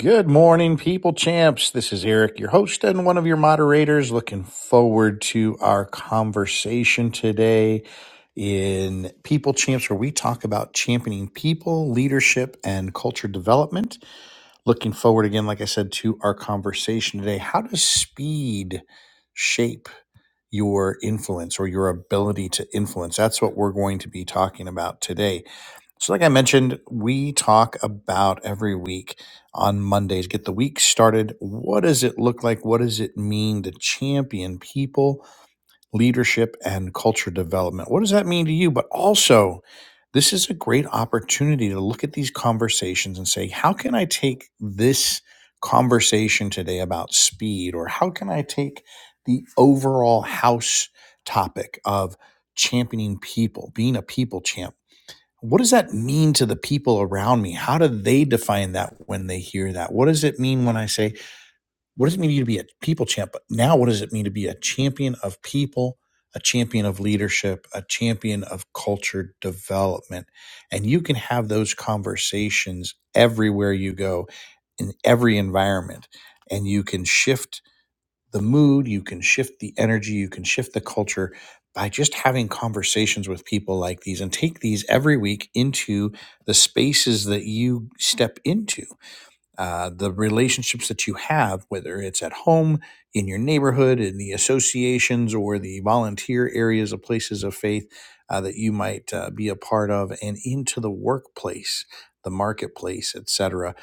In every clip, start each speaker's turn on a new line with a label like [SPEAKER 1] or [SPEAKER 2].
[SPEAKER 1] Good morning, people champs. This is Eric, your host and one of your moderators. Looking forward to our conversation today in People Champs, where we talk about championing people, leadership, and culture development. Looking forward again, like I said, to our conversation today. How does speed shape your influence or your ability to influence? That's what we're going to be talking about today. So, like I mentioned, we talk about every week on Mondays, get the week started. What does it look like? What does it mean to champion people, leadership, and culture development? What does that mean to you? But also, this is a great opportunity to look at these conversations and say, how can I take this conversation today about speed? Or how can I take the overall house topic of championing people, being a people champ? what does that mean to the people around me? How do they define that when they hear that? What does it mean when I say, what does it mean to be a people champ? But now, what does it mean to be a champion of people, a champion of leadership, a champion of culture development? And you can have those conversations everywhere you go in every environment. And you can shift the mood, you can shift the energy, you can shift the culture by just having conversations with people like these and take these every week into the spaces that you step into uh, the relationships that you have, whether it's at home, in your neighborhood, in the associations or the volunteer areas of places of faith uh, that you might uh, be a part of, and into the workplace, the marketplace, etc.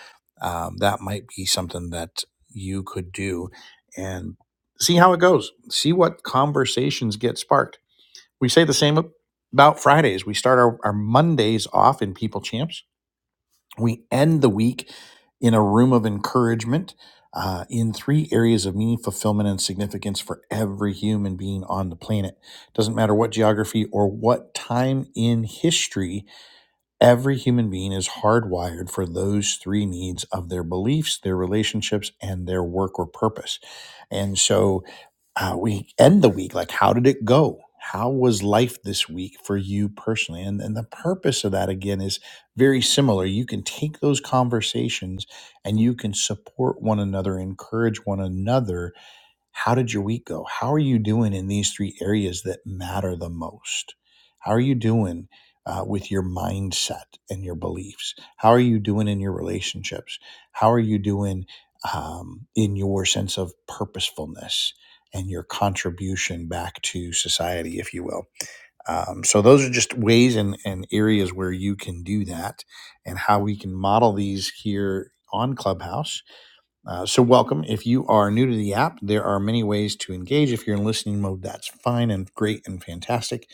[SPEAKER 1] Um, that might be something that you could do and see how it goes. See what conversations get sparked. We say the same about Fridays. We start our, our Mondays off in People Champs we end the week in a room of encouragement uh, in three areas of meaning, fulfillment, and significance for every human being on the planet. Doesn't matter what geography or what time in history, every human being is hardwired for those three needs of their beliefs, their relationships, and their work or purpose. And so, uh, we end the week like how did it go how was life this week for you personally and and the purpose of that again is very similar you can take those conversations and you can support one another encourage one another how did your week go? How are you doing in these three areas that matter the most? How are you doing uh, with your mindset and your beliefs? How are you doing in your relationships? How are you doing um, in your sense of purposefulness and your contribution back to society, if you will? Um, so, those are just ways and, and areas where you can do that and how we can model these here on Clubhouse uh, so, welcome. If you are new to the app, there are many ways to engage. If you're in listening mode, that's fine and great and fantastic.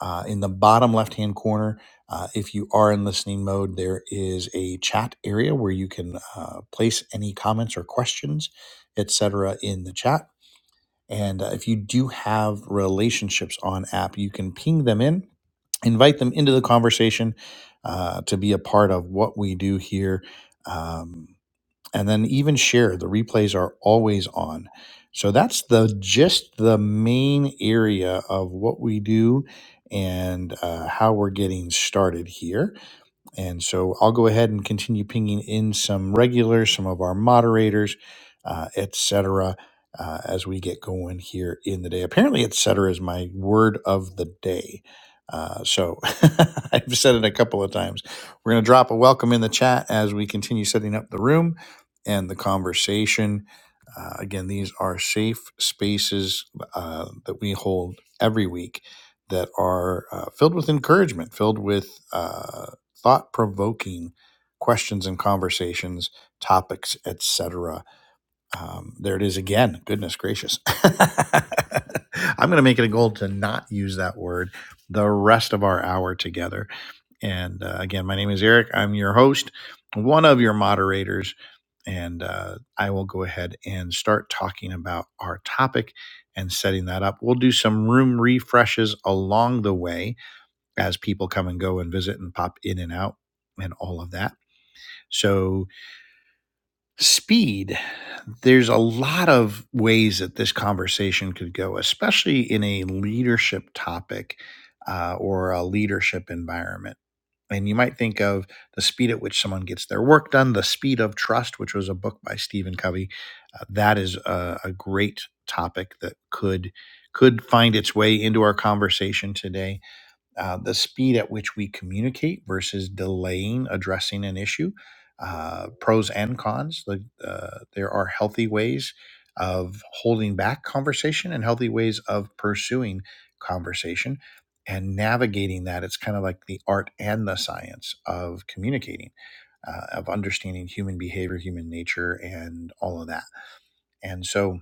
[SPEAKER 1] Uh, in the bottom left hand corner, uh, if you are in listening mode, there is a chat area where you can uh, place any comments or questions, etc., in the chat. And uh, if you do have relationships on app, you can ping them in invite them into the conversation uh, to be a part of what we do here. Um, and then even share. The replays are always on. So that's the just the main area of what we do and uh, how we're getting started here. And so I'll go ahead and continue pinging in some regulars, some of our moderators, uh, et cetera, uh, as we get going here in the day. Apparently, et cetera is my word of the day. Uh, so I've said it a couple of times. We're going to drop a welcome in the chat as we continue setting up the room and the conversation. Uh, again, these are safe spaces uh, that we hold every week that are uh, filled with encouragement, filled with uh, thought provoking questions and conversations, topics, etc. Um, there it is again. Goodness gracious. I'm going to make it a goal to not use that word the rest of our hour together. And uh, again, my name is Eric. I'm your host, one of your moderators, and uh, I will go ahead and start talking about our topic and setting that up. We'll do some room refreshes along the way as people come and go and visit and pop in and out and all of that. So, speed, there's a lot of ways that this conversation could go, especially in a leadership topic uh, or a leadership environment. And you might think of the speed at which someone gets their work done, the speed of trust, which was a book by Stephen Covey. Uh, that is a, a great topic that could could find its way into our conversation today uh, the speed at which we communicate versus delaying addressing an issue, uh, pros and cons. The, uh, there are healthy ways of holding back conversation and healthy ways of pursuing conversation and navigating that. It's kind of like the art and the science of communicating, uh, of understanding human behavior, human nature, and all of that. And so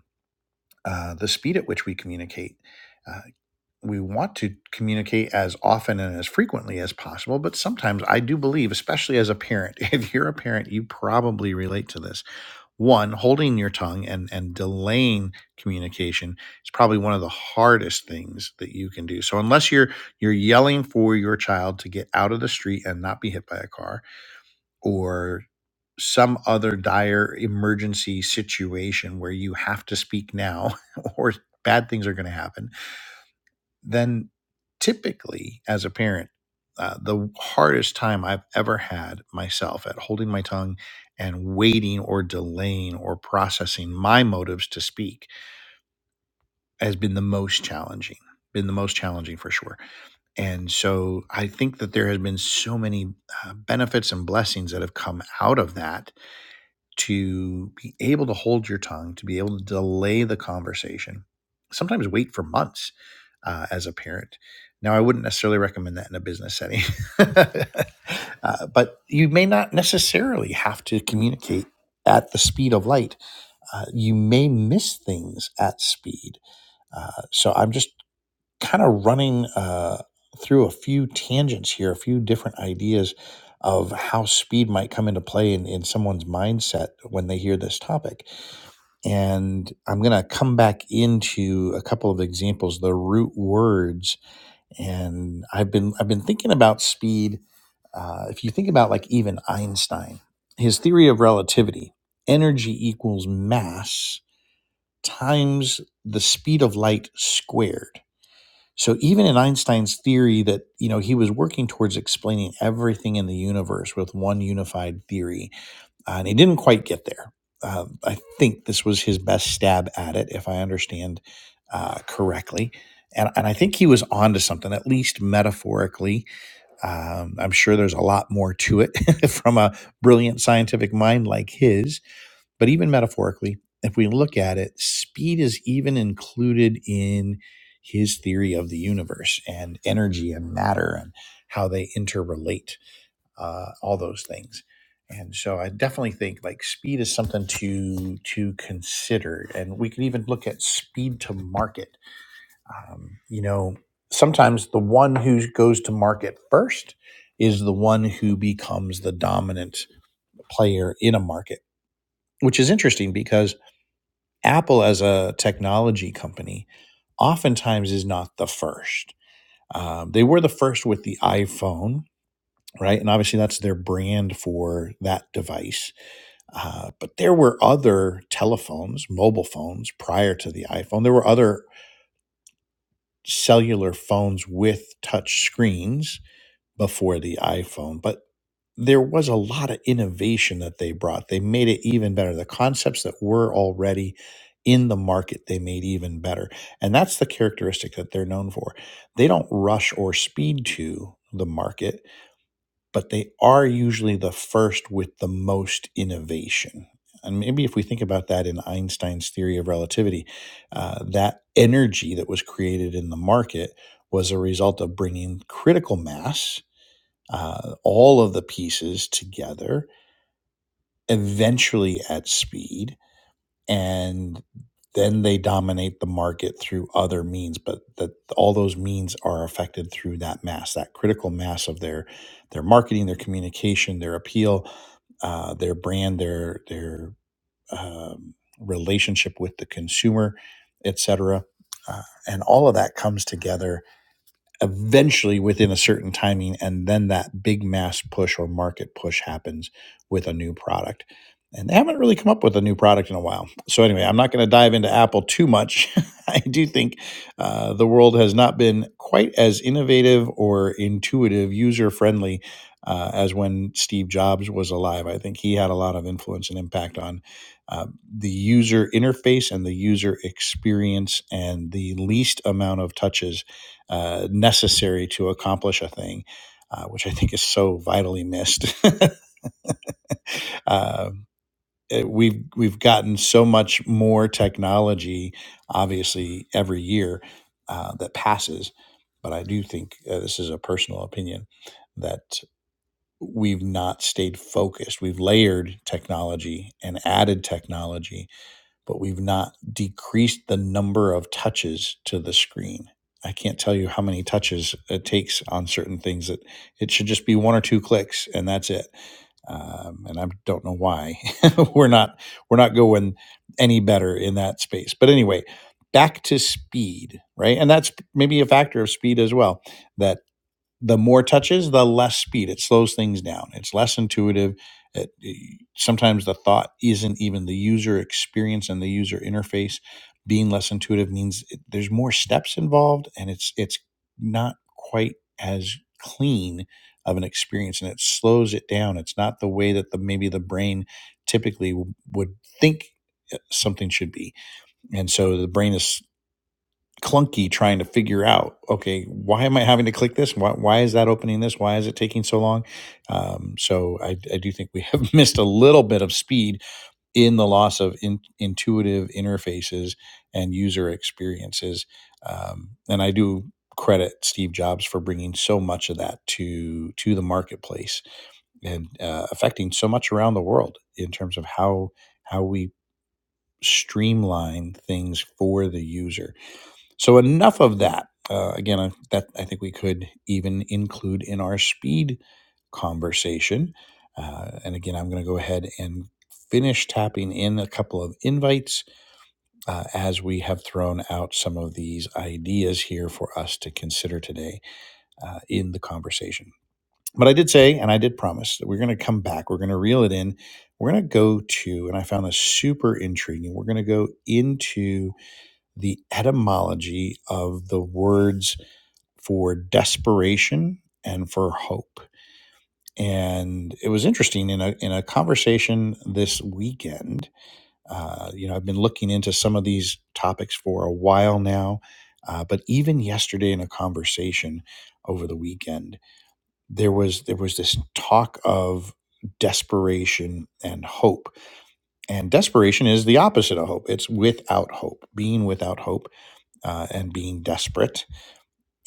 [SPEAKER 1] uh, the speed at which we communicate. uh, we want to communicate as often and as frequently as possible but sometimes i do believe especially as a parent if you're a parent you probably relate to this one holding your tongue and and delaying communication is probably one of the hardest things that you can do so unless you're you're yelling for your child to get out of the street and not be hit by a car or some other dire emergency situation where you have to speak now or bad things are going to happen then typically as a parent, uh, the hardest time I've ever had myself at holding my tongue and waiting or delaying or processing my motives to speak has been the most challenging, been the most challenging for sure. And so I think that there has been so many uh, benefits and blessings that have come out of that to be able to hold your tongue, to be able to delay the conversation, sometimes wait for months uh, as a parent. Now, I wouldn't necessarily recommend that in a business setting, uh, but you may not necessarily have to communicate at the speed of light. Uh, you may miss things at speed. Uh, so I'm just kind of running uh, through a few tangents here, a few different ideas of how speed might come into play in, in someone's mindset when they hear this topic. And I'm going to come back into a couple of examples, the root words. And I've been I've been thinking about speed. Uh, if you think about like even Einstein, his theory of relativity, energy equals mass times the speed of light squared so even in Einstein's theory that, you know, he was working towards explaining everything in the universe with one unified theory, uh, and he didn't quite get there. Uh, I think this was his best stab at it, if I understand uh, correctly. And, and I think he was onto something, at least metaphorically. Um, I'm sure there's a lot more to it from a brilliant scientific mind like his but even metaphorically, if we look at it, speed is even included in his theory of the universe and energy and matter and how they interrelate, uh, all those things. And so I definitely think like speed is something to to consider, and we can even look at speed to market. Um, you know, sometimes the one who goes to market first is the one who becomes the dominant player in a market, which is interesting because Apple as a technology company oftentimes is not the first. Um, they were the first with the iPhone, right? And obviously that's their brand for that device. Uh, but there were other telephones, mobile phones prior to the iPhone. There were other cellular phones with touch screens before the iPhone, but there was a lot of innovation that they brought. They made it even better. The concepts that were already in the market, they made even better. And that's the characteristic that they're known for. They don't rush or speed to the market, but they are usually the first with the most innovation. And maybe if we think about that in Einstein's theory of relativity, uh, that energy that was created in the market was a result of bringing critical mass uh, all of the pieces together, eventually at speed, and then they dominate the market through other means. But that all those means are affected through that mass, that critical mass of their their marketing, their communication, their appeal, uh, their brand, their their um, relationship with the consumer, etc. Uh, and all of that comes together eventually within a certain timing and then that big mass push or market push happens with a new product and they haven't really come up with a new product in a while so anyway i'm not going to dive into apple too much i do think uh, the world has not been quite as innovative or intuitive user friendly uh, as when steve jobs was alive i think he had a lot of influence and impact on uh, the user interface and the user experience and the least amount of touches uh, necessary to accomplish a thing, uh, which I think is so vitally missed. uh, it- we've we've gotten so much more technology, obviously every year uh, that passes, but I do think uh, this is a personal opinion that we've not stayed focused. We've layered technology and added technology but we've not decreased the number of touches to the screen. I can't tell you how many touches it takes on certain things that it should just be one or two clicks and that's it. Um, and I don't know why we're not we're not going any better in that space. But anyway, back to speed, right? And that's maybe a factor of speed as well that the more touches, the less speed. It slows things down. It's less intuitive. It, it- sometimes the thought isn't even the user experience and the user interface being less intuitive means it, there's more steps involved, and it's it's not quite as clean of an experience, and it slows it down. It's not the way that the maybe the brain typically w- would think uh, something should be, and so the brain is clunky trying to figure out okay why am i having to click this why, why is that opening this why is it taking so long um, so I, I do think we have missed a little bit of speed in the loss of in, intuitive interfaces and user experiences um, and i do credit steve jobs for bringing so much of that to to the marketplace and uh, affecting so much around the world in terms of how how we streamline things for the user so enough of that. Uh, again, I, that I think we could even include in our speed conversation. Uh, and again, I'm going to go ahead and finish tapping in a couple of invites uh, as we have thrown out some of these ideas here for us to consider today uh, in the conversation. But I did say, and I did promise that we're going to come back. We're going to reel it in. We're going to go to, and I found this super intriguing. We're going to go into the etymology of the words for desperation and for hope. And it was interesting in a in a conversation this weekend. Uh, you know, I've been looking into some of these topics for a while now, uh, but even yesterday in a conversation over the weekend, there was there was this talk of desperation and hope. And desperation is the opposite of hope. It's without hope, being without hope uh, and being desperate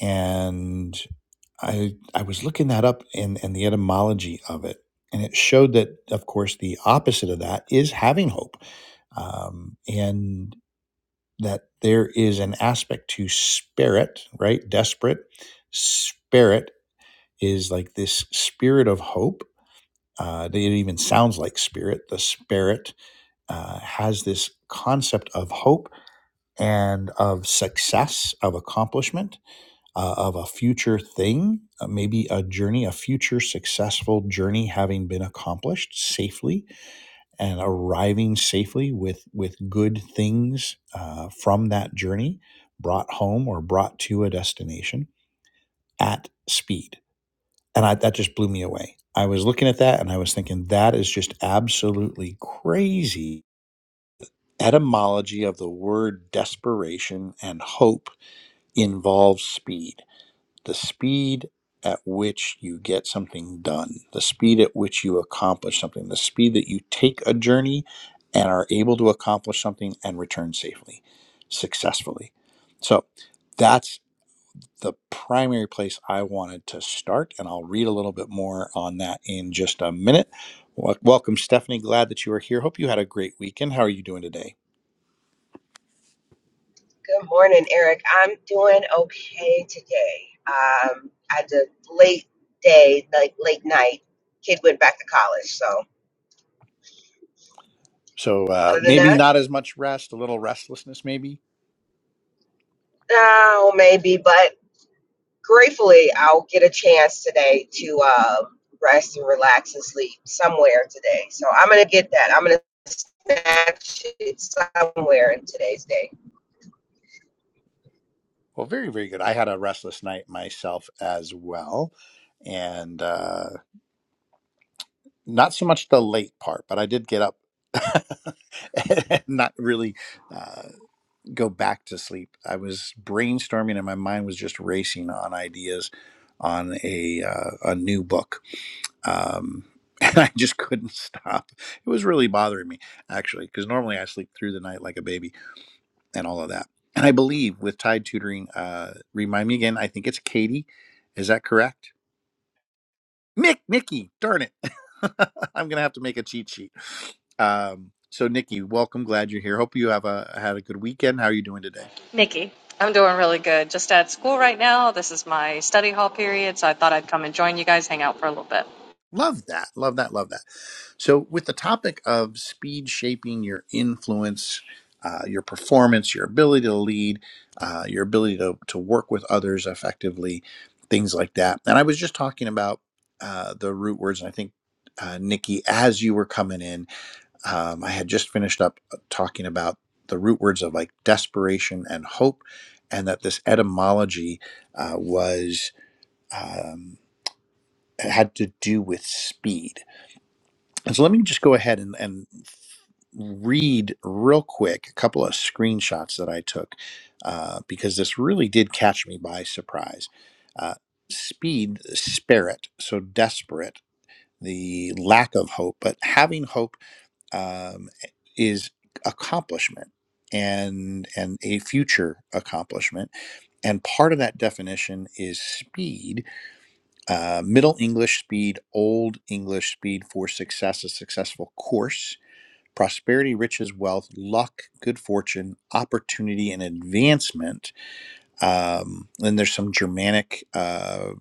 [SPEAKER 1] and I I was looking that up and and the etymology of it, and it showed that of course the opposite of that is having hope, um, and that there is an aspect to spirit, right? Desperate spirit is like this spirit of hope. Uh, it even sounds like spirit. The spirit uh, has this concept of hope and of success, of accomplishment uh, of a future thing, uh, maybe a journey, a future successful journey having been accomplished safely and arriving safely with, with good things uh, from that journey brought home or brought to a destination at speed. And I, that just blew me away. I was looking at that and I was thinking, that is just absolutely crazy. Etymology of the word desperation and hope involves speed the speed at which you get something done, the speed at which you accomplish something, the speed that you take a journey and are able to accomplish something and return safely, successfully. So that's the primary place I wanted to start. And I'll read a little bit more on that in just a minute. Wel- Welcome, Stephanie. Glad that you are here. Hope you had a great weekend. How are you doing today?
[SPEAKER 2] Good morning, Eric. I'm doing okay today. Um, I had a late day, like late night. Kid went back to college, so
[SPEAKER 1] So uh,
[SPEAKER 2] other than
[SPEAKER 1] maybe
[SPEAKER 2] that,
[SPEAKER 1] not as much rest, a little restlessness, maybe
[SPEAKER 2] no, maybe. But gratefully, I'll get a chance today to uh, rest and relax and sleep somewhere today. So I'm gonna get that. I'm gonna snatch it somewhere in today's day.
[SPEAKER 1] Well, very, very good. I had a restless night myself as well. And uh, not so much the late part, but I did get up and not really uh, go back to sleep. I was brainstorming and my mind was just racing on ideas on a, uh, a new book. Um, and I just couldn't stop. It was really bothering me, actually, because normally I sleep through the night like a baby and all of that. And I believe with Tide Tutoring, uh, remind me again, I think it's Katie. Is that correct? Mick, Nikki, darn it. I'm going to have to make a cheat sheet. Um, so, Nikki, welcome. Glad you're here. Hope you have a, had a good weekend. How are you doing today?
[SPEAKER 3] Nikki. I'm doing really good. Just at school right now. This is my study hall period, so I thought I'd come and join you guys, hang out for a little bit.
[SPEAKER 1] Love that. Love that. Love that. So, with the topic of speed shaping your influence, uh, your performance, your ability to lead, uh, your ability to, to work with others effectively, things like that. And I was just talking about uh, the root words, and I think. Uh, Nikki, as you were coming in, um, I had just finished up uh, talking about the root words of like desperation and hope, and that this etymology uh, was um, had to do with speed and so let me just go ahead and, and read real quick a couple of screenshots that I took uh, because this really did catch me by surprise. Uh, speed, spirit, so desperate, the lack of hope, but having hope um, is accomplishment and and a future accomplishment. And part of that definition is speed, uh, Middle English speed, Old English speed for success, a successful course prosperity, riches, wealth, luck, good fortune, opportunity, and advancement. Um, then there's some Germanic uh,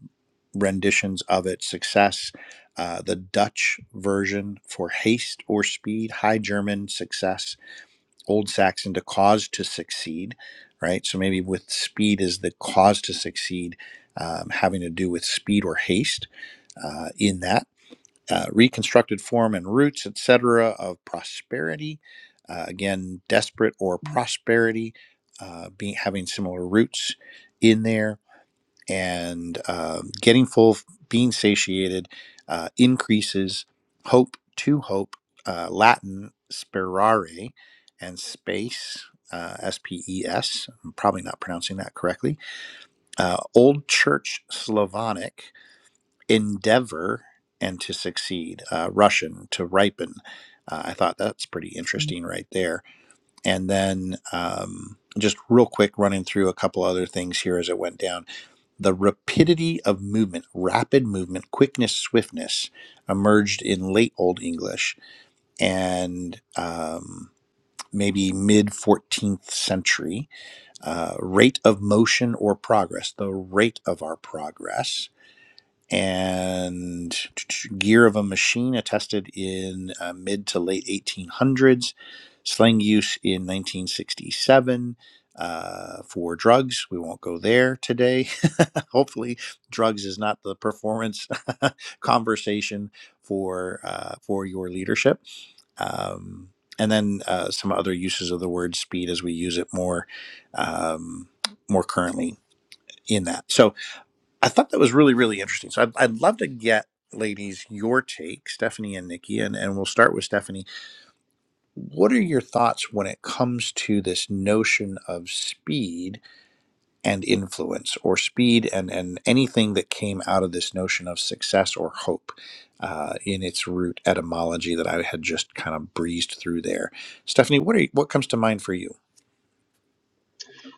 [SPEAKER 1] renditions of it success, uh, the Dutch version for haste or speed, High German success, Old Saxon to cause to succeed, right? So maybe with speed is the cause to succeed, um, having to do with speed or haste uh, in that uh, reconstructed form and roots, etc., of prosperity. Uh, again, desperate or prosperity, uh, being having similar roots in there, and uh, getting full, being satiated, uh, increases hope to hope. Uh, Latin sperare and space. Uh, S P E S. I'm probably not pronouncing that correctly. Uh, Old Church Slavonic endeavor and to succeed, uh, Russian to ripen. Uh, I thought that's pretty interesting right there. And then um, just real quick, running through a couple other things here as it went down. The rapidity of movement, rapid movement, quickness, swiftness emerged in late Old English and um, maybe mid 14th century. Uh, rate of motion or progress, the rate of our progress and gear of a machine attested in uh, mid to late 1800s, slang use in 1967 uh, for drugs. We won't go there today. Hopefully, drugs is not the performance conversation for uh, for your leadership. Um, and then uh, some other uses of the word speed as we use it more um, more currently in that. So. I thought that was really, really interesting. So I'd, I'd love to get, ladies, your take, Stephanie and Nikki, and, and we'll start with Stephanie. What are your thoughts when it comes to this notion of speed and influence, or speed and, and anything that came out of this notion of success or hope uh, in its root etymology that I had just kind of breezed through there? Stephanie, what, are you, what comes to mind for you?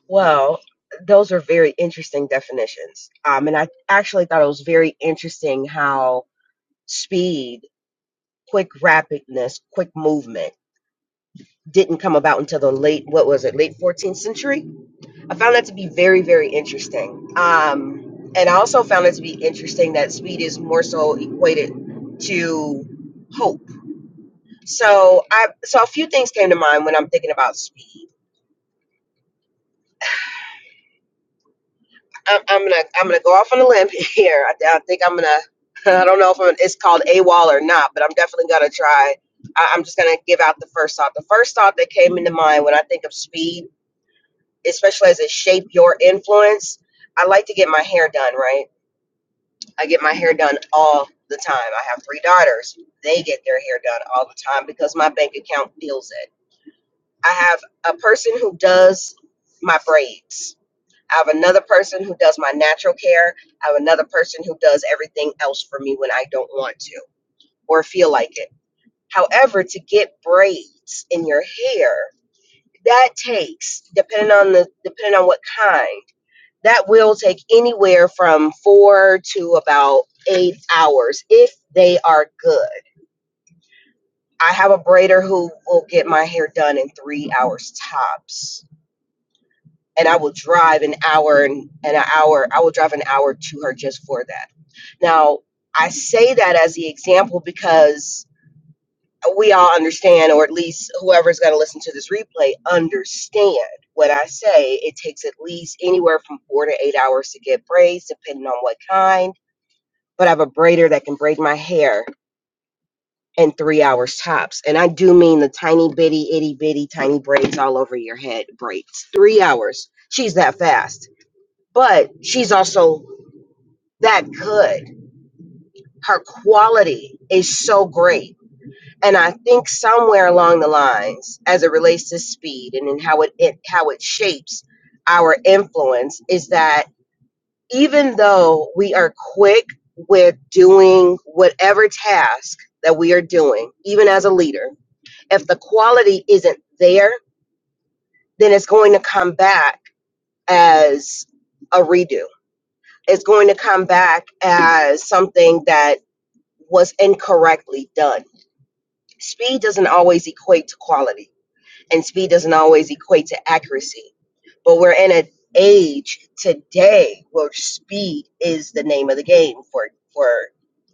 [SPEAKER 2] Well, those are very interesting definitions. Um, and I actually thought it was very interesting how speed, quick rapidness, quick movement didn't come about until the late what was it late 14th century i found that to be very very interesting um, and i also found it to be interesting that speed is more so equated to hope so i so a few things came to mind when i'm thinking about speed I'm, I'm gonna I'm gonna go off on a limb here. I, I think I'm gonna. I don't know if I'm, it's called a wall or not, but I'm definitely gonna try. I, I'm just gonna give out the first thought. The first thought that came into mind when I think of speed, especially as it shape your influence. I like to get my hair done right. I get my hair done all the time. I have three daughters. They get their hair done all the time because my bank account deals it. I have a person who does my braids I have another person who does my natural care. I have another person who does everything else for me when I don't want to or feel like it. However, to get braids in your hair, that takes depending on the depending on what kind. That will take anywhere from 4 to about 8 hours if they are good. I have a braider who will get my hair done in 3 hours tops and I will drive an hour and, and an hour. I will drive an hour to her just for that. Now, I say that as the example because we all understand, or at least whoever's going to listen to this replay, understand what I say. It takes at least anywhere from four to eight hours to get braids, depending on what kind. But I have a braider that can braid my hair in three hours tops. And I do mean the tiny bitty, itty bitty, tiny braids all over your head braids. Three hours. She's that fast but she's also that good. Her quality is so great. And I think somewhere along the lines, as it relates to speed and in how it, it how it shapes our influence, is that even though we are quick with doing whatever task that we are doing, even as a leader, if the quality isn't there, then it's going to come back as a redo. It's going to come back as something that was incorrectly done. Speed doesn't always equate to quality, and speed doesn't always equate to accuracy. But we're in an age today where speed is the name of the game, for for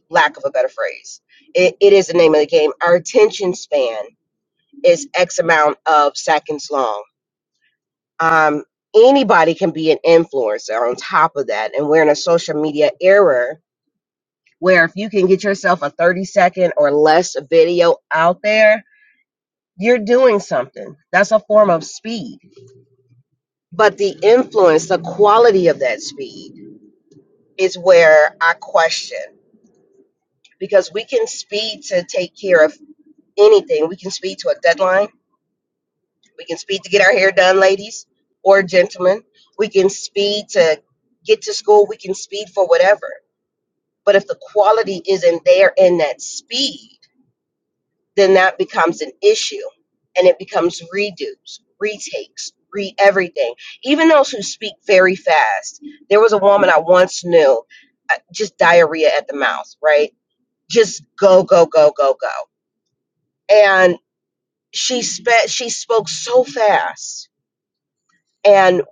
[SPEAKER 2] lack of a better phrase. It, it is the name of the game. Our attention span is X amount of seconds long. Um, anybody can be an influencer on top of that. And we're in a social media era where if you can get yourself a 30 second or less video out there, you're doing something. That's a form of speed. But the influence, the quality of that speed is where I question because we can speed to take care of anything. We can speed to a deadline. We can speed to get our hair done, ladies or gentlemen. We can speed to get to school. We can speed for whatever. But if the quality isn't there in that speed, then that becomes an issue and it becomes redos, retakes, re everything. Even those who speak very fast. There was a woman I once knew, uh, just diarrhea at the mouth, right? Just go, go, go, go, go. And she spe- she spoke so fast. And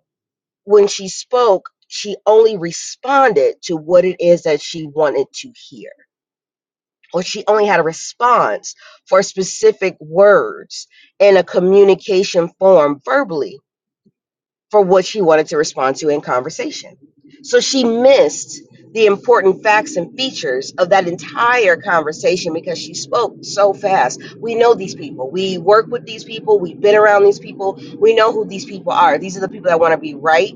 [SPEAKER 2] when she spoke, she only responded to what it is that she wanted to hear or she only had a response for specific words in a communication form verbally for what she wanted to respond to in conversation. So she missed the important facts and features of that entire conversation because she spoke so fast. We know these people. We work with these people. We've been around these people. We know who these people are. These are the people that want to be right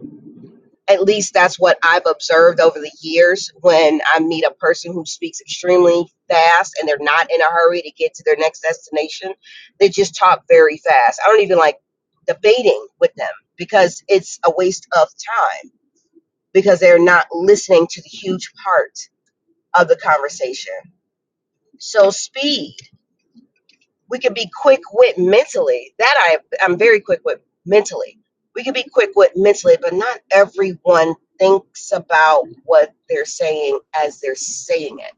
[SPEAKER 2] at least that's what I've observed over the years when I meet a person who speaks extremely fast and they're not in a hurry to get to their next destination. They just talk very fast. I don't even like debating with them because it's a waste of time because they're not listening to the huge part of the conversation. So, speed we can be quick wit mentally. That I I'm very quick wit mentally. We can be quick wit mentally, but not everyone thinks about what they're saying as they're saying it.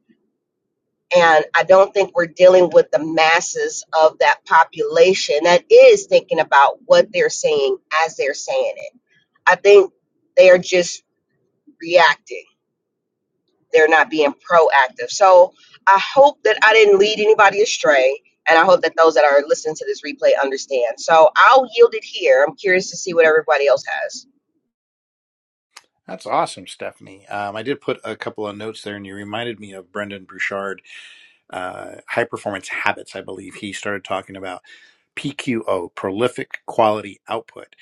[SPEAKER 2] And I don't think we're dealing with the masses of that population that is thinking about what they're saying as they're saying it. I think they are just reacting they're not being proactive. So I hope that I didn't lead anybody astray. And I hope that those that are listening to this replay understand. So I'll yield it here. I'm curious to see what everybody else has.
[SPEAKER 1] That's awesome, Stephanie. Um, I did put a couple of notes there, and you reminded me of Brendan Bouchard uh, high performance habits, I believe he started talking about PQO, prolific quality output.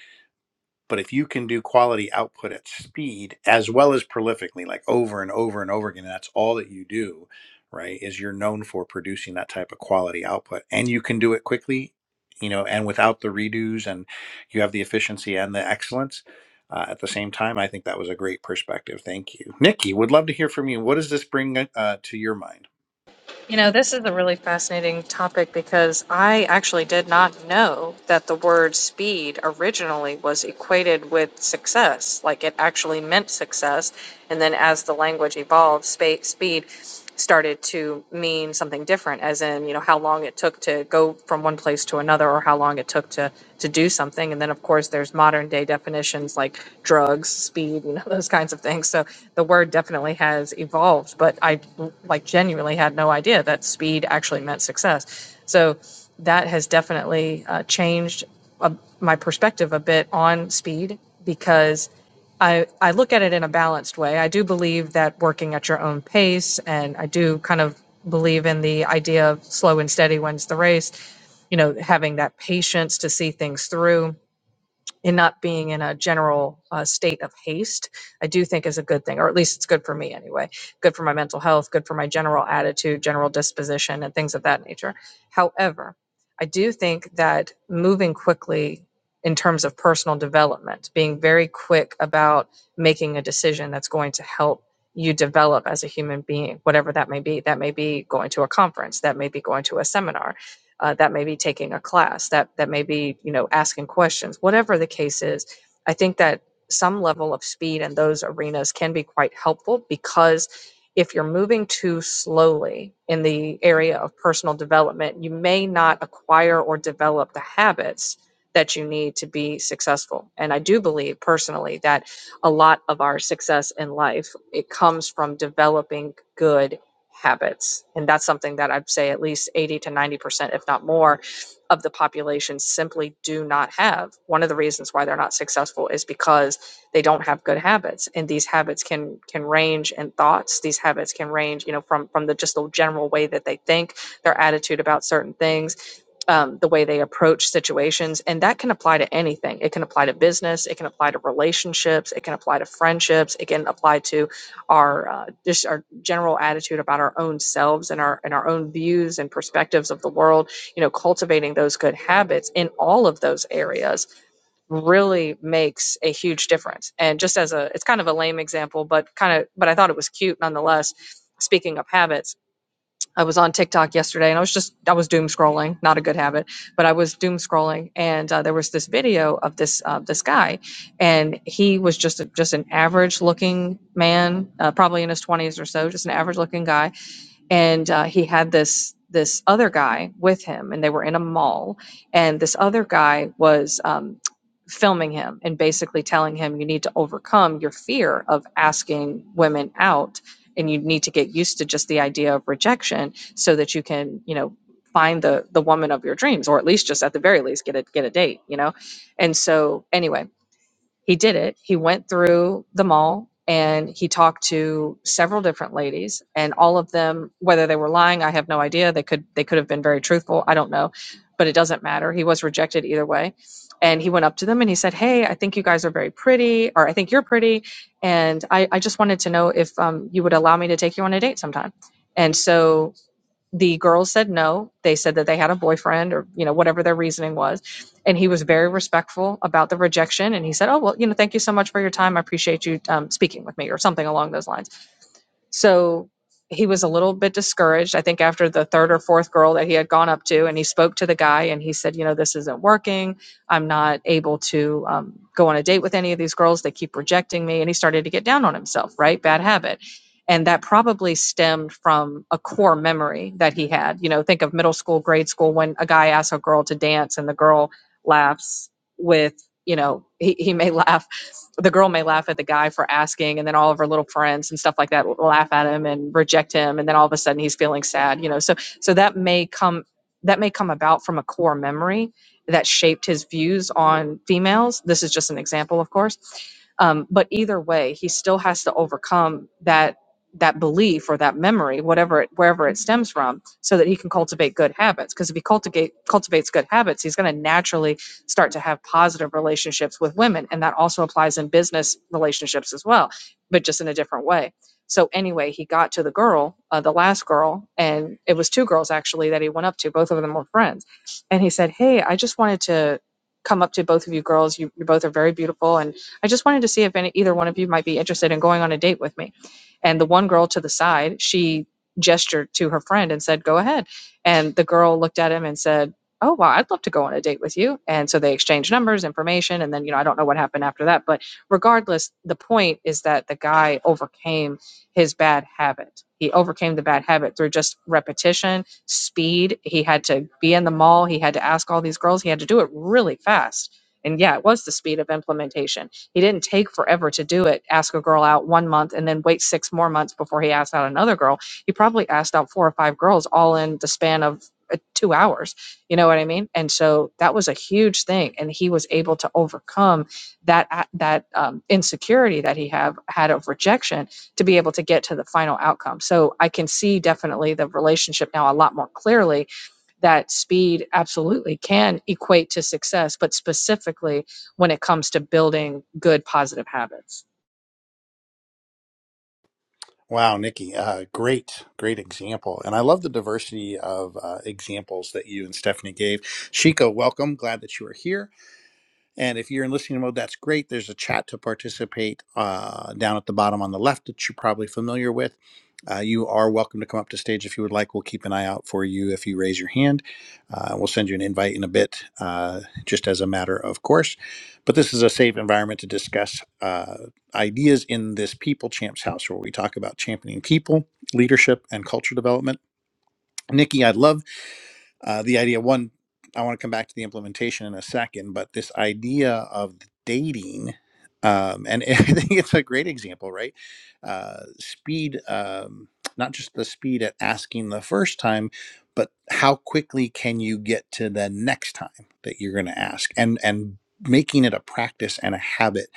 [SPEAKER 1] But if you can do quality output at speed as well as prolifically, like over and over and over again, and that's all that you do, right? Is you're known for producing that type of quality output and you can do it quickly, you know, and without the redos and you have the efficiency and the excellence. Uh, at the same time, I think that was a great perspective. Thank you. Nikki, would love to hear from you. What does this bring uh, to your mind?
[SPEAKER 3] You know, this is a really fascinating topic because I actually did not know that the word speed originally was equated with success. Like it actually meant success. And then as the language evolved, spa- speed started to mean something different, as in, you know, how long it took to go from one place to another or how long long it took to to do something. And then of course there's modern day definitions like drugs, speed, you know, those kinds of things. So the word definitely has evolved, but I like genuinely had no idea that speed actually meant success. So that has definitely uh, changed uh, my perspective a bit on speed because I, I look at it in a balanced way. I do believe that working at your own pace, and I do kind of believe in the idea of slow and steady wins the race you know, having that patience to see things through and not being in a general uh, state of haste, I do think is a good thing, or at least it's good for me anyway. Good for my mental health, good for my general attitude, general disposition, and things of that nature. However, I do think that moving quickly in terms of personal development, being very quick about making a decision that's going to help you develop as a human being, whatever that may be. That may be going to a conference, that may be going to a seminar, uh, that may be taking a class that that may be you know asking questions whatever the case is i think that some level of speed in those arenas can be quite helpful because if you're moving too slowly in the area of personal development you may not acquire or develop the habits that you need to be successful and i do believe personally that a lot of our success in life it comes from developing good habits and that's something that i'd say at least 80 to 90% fifty percent, if not more, of the population simply do not have. One of the reasons why they're not successful is because they don't have good habits, and these habits can can range in thoughts. These habits can range, you know, from from the just the general way that they think, their attitude about certain things, um, the way they approach situations. And that can apply to anything. It can apply to business, it can apply to relationships, it can apply to friendships, it can apply to our uh, just our general attitude about our own selves and our and our own views and perspectives of the world you know cultivating those good habits in all of those areas really makes a huge difference and just as a it's kind of a lame example but kind of but i thought it was cute nonetheless speaking of habits I was on TikTok yesterday and I was just, I was doom scrolling, not a good habit, but I was doom scrolling and uh, there was this video of this, uh, this guy and he was just, a, just an average looking man, uh, probably in his twenties or so, just an average looking guy and uh, he had this this other guy with him and they were in a mall and this other guy was um, filming him and basically telling him you need to overcome your fear of asking women out and you need to get used to just the idea of rejection so that you can you know find the the woman of your dreams or at least just at the very least get a get a date you know and so anyway he did it. He went through the mall and he talked to several different ladies and all of them whether they were lying I have no idea they could they could have been very truthful I don't know but it doesn't matter he was rejected either way and he went up to them and he said hey I think you guys are very pretty or I think you're pretty and I, I just wanted to know if um, you would allow me to take you on a date sometime and so the girls said no. They said that they had a boyfriend or, you know, whatever their reasoning was. And he was very respectful about the rejection. And he said, Oh, well, you know, thank you so much for your time. I appreciate you um, speaking with me or something along those lines. So he was a little bit discouraged, I think, after the third or fourth girl that he had gone up to. And he spoke to the guy and he said, You know, this isn't working. I'm not able to um, go on a date with any of these girls. They keep rejecting me. And he started to get down on himself, right? Bad habit. And that probably stemmed from a core memory that he had. You know, think of middle school, grade school, when a guy asks a girl to dance and the girl laughs with, you know, he, he may laugh the girl may laugh at the guy for asking, and then all of her little friends and stuff like that will laugh at him and reject him, and then all of a sudden he's feeling sad, you know. So so that may come that may come about from a core memory that shaped his views on females. This is just an example, of course. Um, but either way, he still has to overcome that that belief or that memory, whatever it, wherever it stems from, so that he can cultivate good habits. Because if he cultivate cultivates good habits, he's going to naturally start to have positive relationships with women. And that also applies in business relationships as well, but just in a different way. So, anyway, he got to the girl, uh, the last girl, and it was two girls actually that he went up to. Both of them were friends. And he said, Hey, I just wanted to come up to both of you girls. You, you both are very beautiful. And I just wanted to see if any, either one of you might be interested in going on a date with me. And the one girl to the side, she gestured to her friend and said, Go ahead. And the girl looked at him and said, oh wow i'd love to go on a date with you and so they exchange numbers information and then you know i don't know what happened after that but regardless the point is that the guy overcame his bad habit he overcame the bad habit through just repetition speed he had to be in the mall he had to ask all these girls he had to do it really fast and yeah it was the speed of implementation he didn't take forever to do it ask a girl out one month and then wait six more months before he asked out another girl he probably asked out four or five girls all in the span of uh, two hours you know what I mean? And so that was a huge thing, and he was able to overcome that a- that um, insecurity that he have had of rejection to be able to get to the final outcome. So I can see definitely the relationship now a lot more clearly that speed absolutely can equate to success, but specifically when it comes to building good positive habits.
[SPEAKER 1] Wow, Nikki, uh, great, great example. And I love the diversity of uh, examples that you and Stephanie gave. Shiko, welcome. Glad that you are here. And if you're in listening mode, that's great. There's a chat to participate uh, down at the bottom on the left that you're probably familiar with. Uh, you are welcome to come up to stage if you would like. We'll keep an eye out for you if you raise your hand. Uh, we'll send you an invite in a bit, uh, just as a matter of course. But this is a safe environment to discuss uh, ideas in this People Champs house where we talk about championing people, leadership, and culture development. Nikki, I would love uh, the idea one i want to come back to the implementation in a second but this idea of dating um, and i think it's a great example right uh, speed um, not just the speed at asking the first time but how quickly can you get to the next time that you're going to ask and and making it a practice and a habit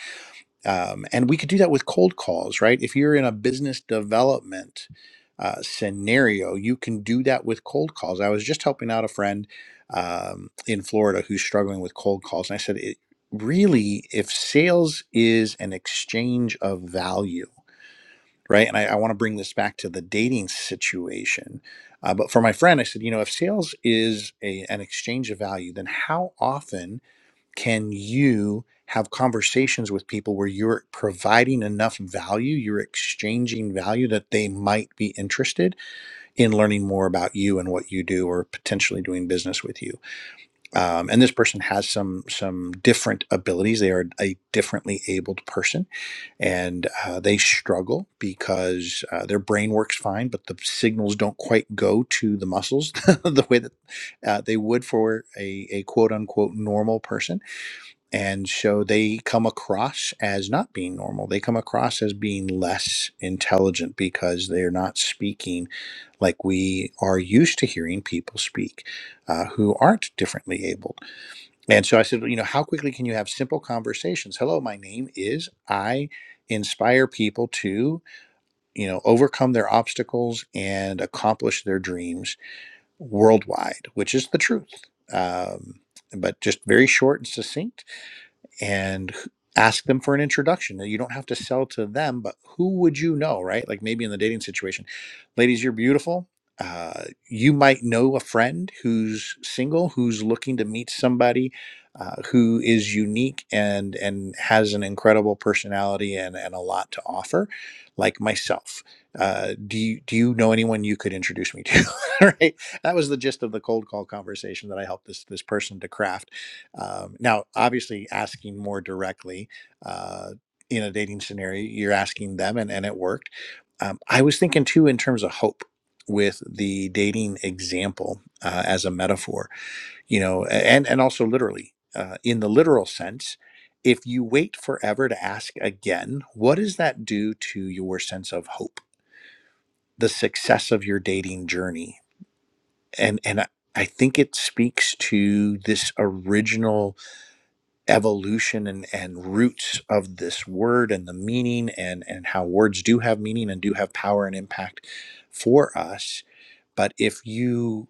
[SPEAKER 1] um, and we could do that with cold calls, right? If you're in a business development uh, scenario, you can do that with cold calls. I was just helping out a friend um, in Florida who's struggling with cold calls. And I said, it, really, if sales is an exchange of value, right? And I, I want to bring this back to the dating situation. Uh, but for my friend, I said, you know, if sales is a, an exchange of value, then how often can you have conversations with people where you're providing enough value, you're exchanging value that they might be interested in learning more about you and what you do, or potentially doing business with you? Um, and this person has some some different abilities. They are a differently abled person, and uh, they struggle because uh, their brain works fine, but the signals don't quite go to the muscles the way that uh, they would for a, a quote unquote normal person and so they come across as not being normal. They come across as being less intelligent because they're not speaking like we are used to hearing people speak uh, who aren't differently abled. And so I said, you know, how quickly can you have simple conversations? Hello, my name is I inspire people to, you know, overcome their obstacles and accomplish their dreams worldwide, which is the truth. Um, but just very short and succinct and ask them for an introduction. You don't have to sell to them, but who would you know, right? Like maybe in the dating situation, ladies, you're beautiful. Uh, you might know a friend who's single, who's looking to meet somebody uh, who is unique and and has an incredible personality and, and a lot to offer, like myself. Uh, do you do you know anyone you could introduce me to? right, that was the gist of the cold call conversation that I helped this this person to craft um, now, obviously, asking more directly uh, in a dating scenario, you're asking them, and, and it worked. Um, I was thinking too in terms of hope with the dating example uh, as a metaphor, you know, and and also literally uh, in the literal sense. If you wait forever to ask again, what does that do to your sense of hope, the success of your dating journey, and and I I think it speaks to this original evolution and, and roots of this word and the meaning and and how words do have meaning and do have power and impact for us but if you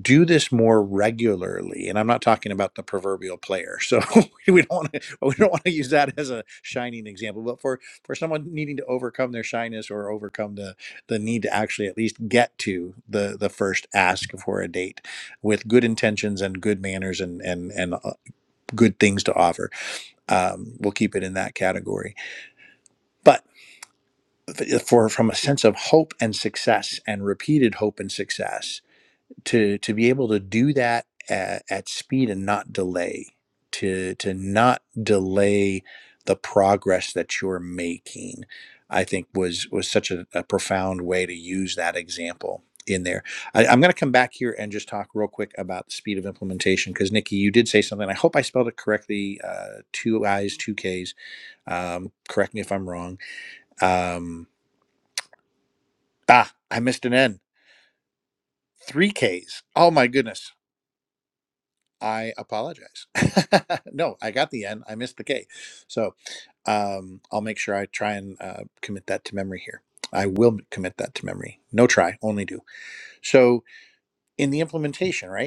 [SPEAKER 1] do this more regularly and i'm not talking about the proverbial player so we don't want to we don't want to use that as a shining example but for for someone needing to overcome their shyness or overcome the the need to actually at least get to the the first ask for a date with good intentions and good manners and and and uh, good things to offer um, we'll keep it in that category. But for from a sense of hope and success and repeated hope and success to to be able to do that at, at speed and not delay to to not delay the progress that you're making i think was was such a, a profound way to use that example in there I, i'm going to come back here and just talk real quick about the speed of implementation because nikki you did say something i hope i spelled it correctly uh, two i's two k's um, correct me if I'm wrong. Um, ah, I missed an N. Three Ks. Oh my goodness. I apologize. no, I got the N. I missed the K. So um, I'll make sure I try and uh, commit that to memory here. I will commit that to memory. No try, only do. So in the implementation, right?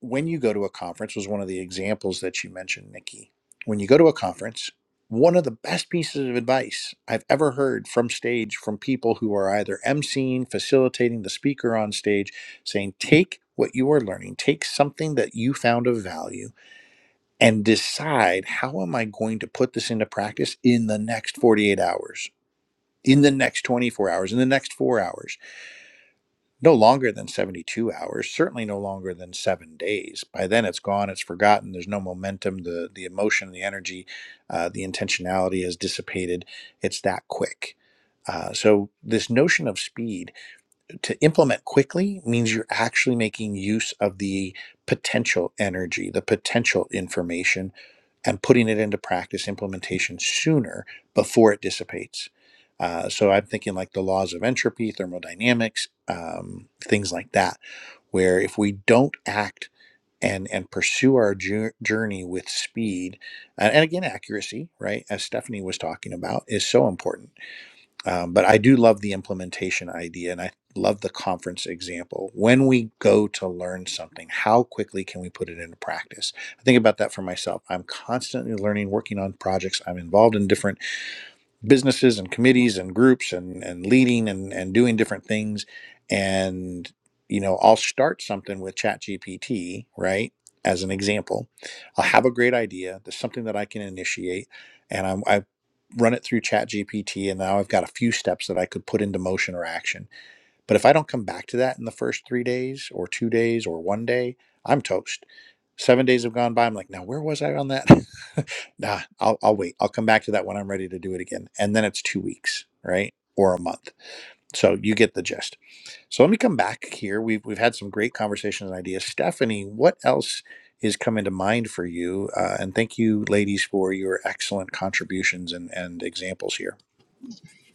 [SPEAKER 1] when you go to a conference was one of the examples that you mentioned, Nikki. When you go to a conference, one of the best pieces of advice I've ever heard from stage from people who are either emceeing, facilitating the speaker on stage, saying, take what you are learning, take something that you found of value, and decide how am I going to put this into practice in the next 48 hours, in the next 24 hours, in the next four hours no longer than 72 hours certainly no longer than seven days by then it's gone it's forgotten there's no momentum the the emotion the energy uh, the intentionality has dissipated it's that quick uh, so this notion of speed to implement quickly means you're actually making use of the potential energy, the potential information, and putting it into practice implementation sooner before it dissipates. Uh, so I'm thinking like the laws of entropy, thermodynamics, um, things like that, where if we don't act and and pursue our jour- journey with speed, and, and again accuracy, right? As Stephanie was talking about, is so important um, but I do love the implementation idea and I love the conference example. When we go to learn something, how quickly can we put it into practice? I think about that for myself. I'm constantly learning, working on projects. I'm involved in different businesses and committees and groups and and leading and and doing different things and you know i'll start something with ChatGPT, right as an example i'll have a great idea there's something that i can initiate and I'm, i run it through ChatGPT, and now i've got a few steps that i could put into motion or action but if I don't come back to that in the first three days or two days or one day, I'm toast. Seven days have gone by. I'm like, now where was I on that? nah, I'll, I'll wait. I'll come back to that when I'm ready to do it again. And then it's two weeks, right? Or a month. So you get the gist. So let me come back here. We've, we've had some great conversations and ideas. Stephanie, what else is coming to mind for you? Uh, and thank you, ladies, for your excellent contributions and, and examples here.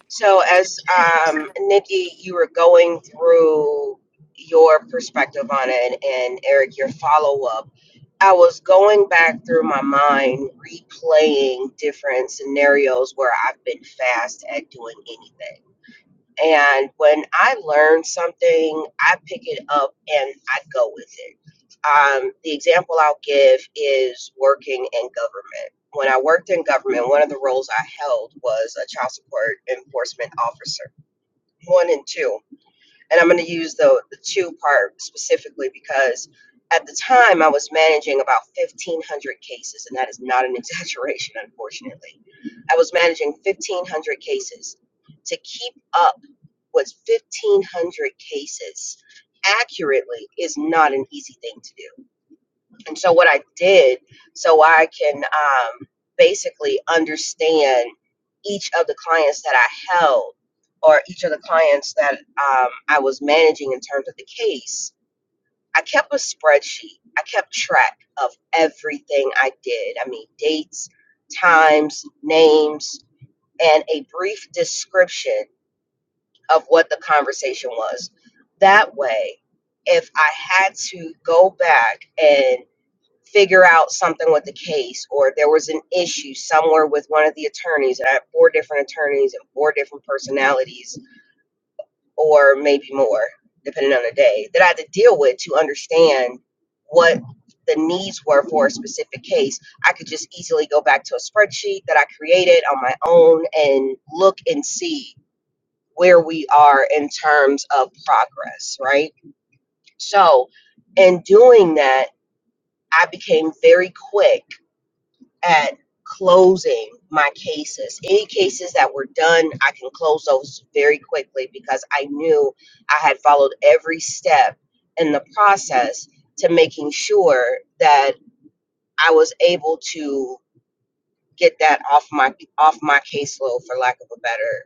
[SPEAKER 2] So, as um, Nikki, you were going through your perspective on it, and, and Eric, your follow up, I was going back through my mind, replaying different scenarios where I've been fast at doing anything And when I learn something, I pick it up and I go with it. Um, the example I'll give is working in government. When I worked in government, one of the roles I held was a child support enforcement officer, one and two and I'm going to use the the two part specifically because at the time I was managing about 1,500 cases, and that is not an exaggeration, unfortunately. I was managing 1,500 cases to keep up with 1,500 cases accurately is not an easy thing to do and so what I did, so I can um, basically understand each of the clients that I held or each of the clients that um, I was managing in terms of the case, I kept a spreadsheet. I kept track of everything I did. I mean, dates, times, names, and a brief description of what the conversation was. That way, if I had to go back and figure out something with the case or if there was an issue somewhere with one of the attorneys and I had four different attorneys and four different personalities or maybe more depending on the day that I had to deal with to understand what the needs were for a specific case I could just easily go back to a spreadsheet that I created on my own and look and see where we are in terms of progress right so in doing that I became very quick at closing my cases. Any cases that were done, I can close those very quickly because I knew I had followed every step in the process to making sure that I was able to get that off my off my caseload for lack of a better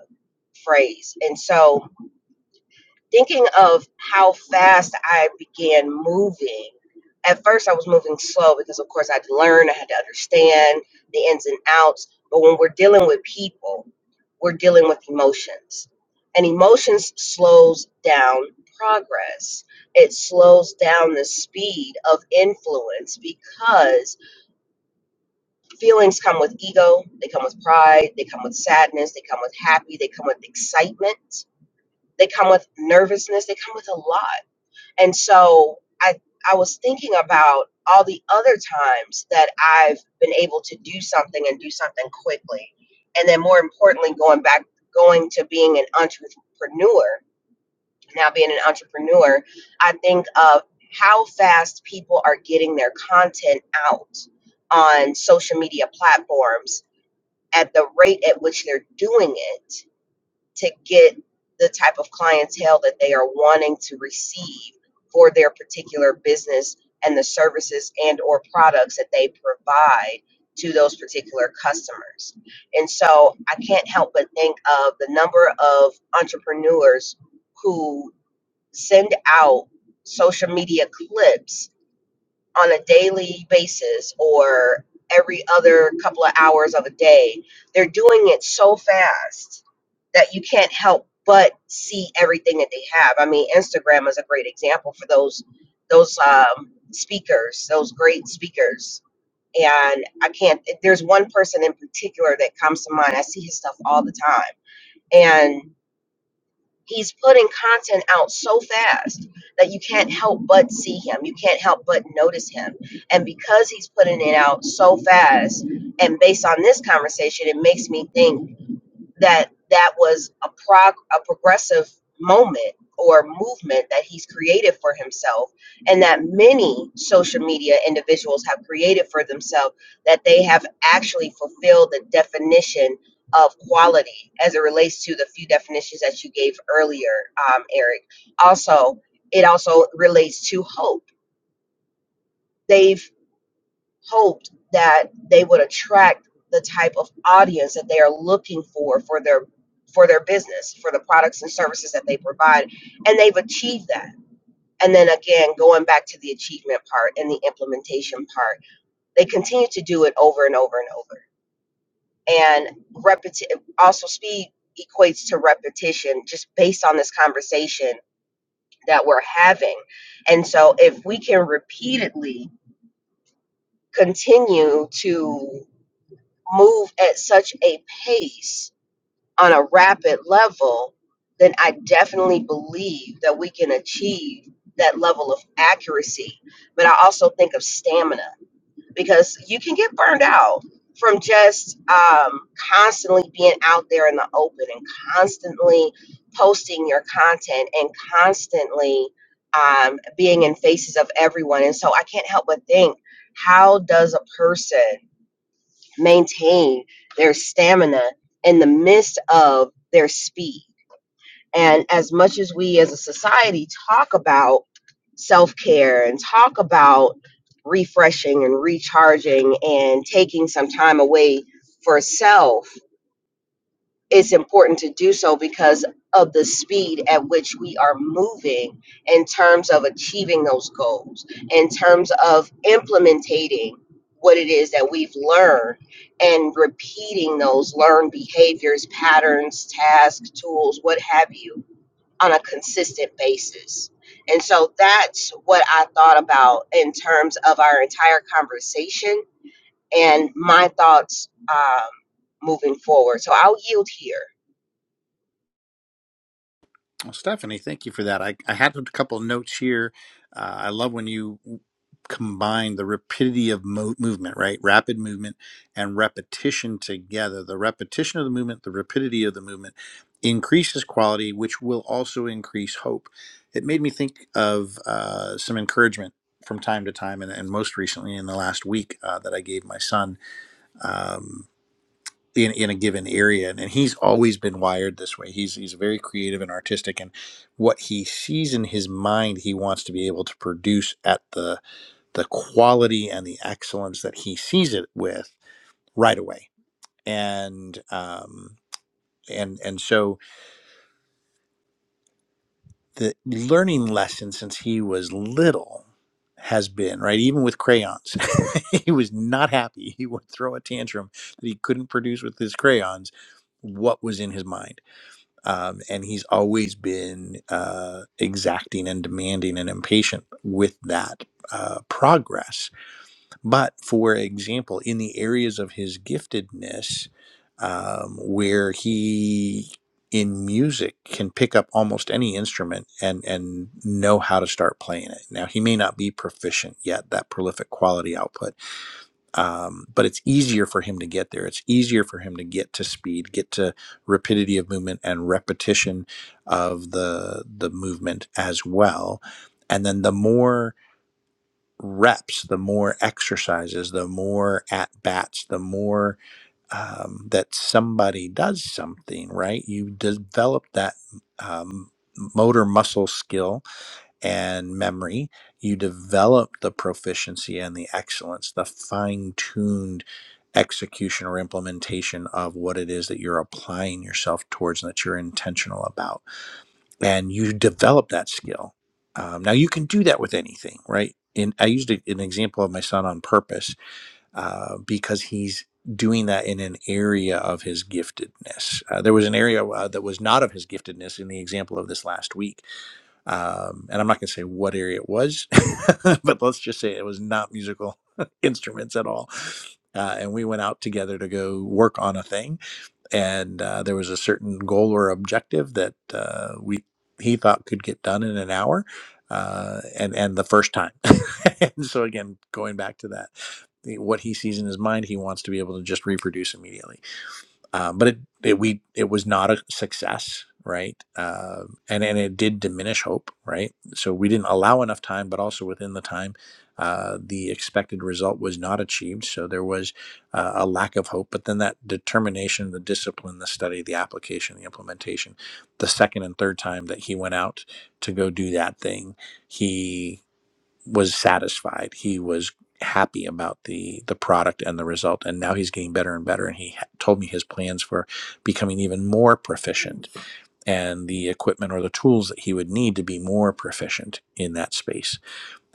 [SPEAKER 2] uh, phrase. And so thinking of how fast I began moving, at first I was moving slow because, of course, I had to learn, I had to understand the ins and outs. But when we're dealing with people, we're dealing with emotions. And emotions slows down progress. It slows down the speed of influence because feelings come with ego, they come with pride, they come with sadness, they come with happy, they come with excitement, they come with nervousness, they come with a lot and so I I was thinking about all the other times that I've been able to do something and do something quickly. And then more importantly, going back going to being an entrepreneur. Now being an entrepreneur, I think of how fast people are getting their content out on social media platforms at the rate at which they're doing it to get the type of clientele that they are wanting to receive for their particular business and the services and or products that they provide to those particular customers. And so I can't help but think of the number of entrepreneurs who send out social media clips on a daily basis or every other couple of hours of a day. They're doing it so fast that you can't help but see everything that they have. I mean, Instagram is a great example for those those um, speakers, those great speakers. And I can't. There's one person in particular that comes to mind. I see his stuff all the time, and he's putting content out so fast that you can't help but see him. You can't help but notice him. And because he's putting it out so fast, and based on this conversation, it makes me think that that was a prog- a progressive moment or movement that he's created for himself and that many social media individuals have created for themselves that they have actually fulfilled the definition of quality as it relates to the few definitions that you gave earlier um, eric also it also relates to hope they've hoped that they would attract the type of audience that they are looking for for their for their business for the products and services that they provide and they've achieved that and then again going back to the achievement part and the implementation part they continue to do it over and over and over and repeti- also speed equates to repetition just based on this conversation that we're having and so if we can repeatedly continue to move at such a pace on a rapid level, then I definitely believe that we can achieve that level of accuracy. But I also think of stamina because you can get burned out from just um, constantly being out there in the open and constantly posting your content and constantly um, being in faces of everyone. And so I can't help but think how does a person maintain their stamina in the midst of their speed. And as much as we as a society talk about self care and talk about refreshing and recharging and taking some time away for self, it's important to do so because of the speed at which we are moving in terms of achieving those goals, in terms of implementing what it is that we've learned and repeating those learned behaviors, patterns, tasks, tools, what have you, on a consistent basis. And so that's what I thought about in terms of our entire conversation and my thoughts um, moving forward. So I'll yield here.
[SPEAKER 1] Well, Stephanie, thank you for that. I, I had a couple of notes here. Uh, I love when you combine the rapidity of mo- movement, right? Rapid movement and repetition together. The repetition of the movement, the rapidity of the movement increases quality, which will also increase hope. It made me think of uh, some encouragement from time to time, and, and most recently in the last week uh, that I gave my son. Um, in, in a given area and, and he's always been wired this way he's he's very creative and artistic and what he sees in his mind he wants to be able to produce at the the quality and the excellence that he sees it with right away and um and and so the learning lesson since he was little has been right even with crayons he was not happy he would throw a tantrum that he couldn't produce with his crayons what was in his mind um, and he's always been uh, exacting and demanding and impatient with that uh, progress. But for example, in the areas of his giftedness, um, where he in music can pick up almost any instrument and and know how to start playing it. Now he may not be proficient yet, that prolific quality output um, but it's easier for him to get there. It's easier for him to get to speed, get to rapidity of movement and repetition of the the movement as well. And then the more reps, the more exercises, the more at bats, the more um, that somebody does something right. You develop that um, motor muscle skill and memory, you develop the proficiency and the excellence, the fine tuned execution or implementation of what it is that you're applying yourself towards and that you're intentional about. And you develop that skill. Um, now, you can do that with anything, right? And I used a- an example of my son on purpose uh, because he's doing that in an area of his giftedness. Uh, there was an area uh, that was not of his giftedness in the example of this last week um, and I'm not going to say what area it was, but let's just say it was not musical instruments at all. Uh, and we went out together to go work on a thing, and uh, there was a certain goal or objective that uh, we he thought could get done in an hour, uh, and and the first time. and so again, going back to that, the- what he sees in his mind, he wants to be able to just reproduce immediately uh, but it, it we it was not a success right uh, and and it did diminish hope right so we didn't allow enough time but also within the time uh, the expected result was not achieved so there was uh, a lack of hope but then that determination the discipline the study the application the implementation the second and third time that he went out to go do that thing he was satisfied. He was happy about the the product and the result, and now he's getting better and better. And he told me his plans for becoming even more proficient and the equipment or the tools that he would need to be more proficient in that space,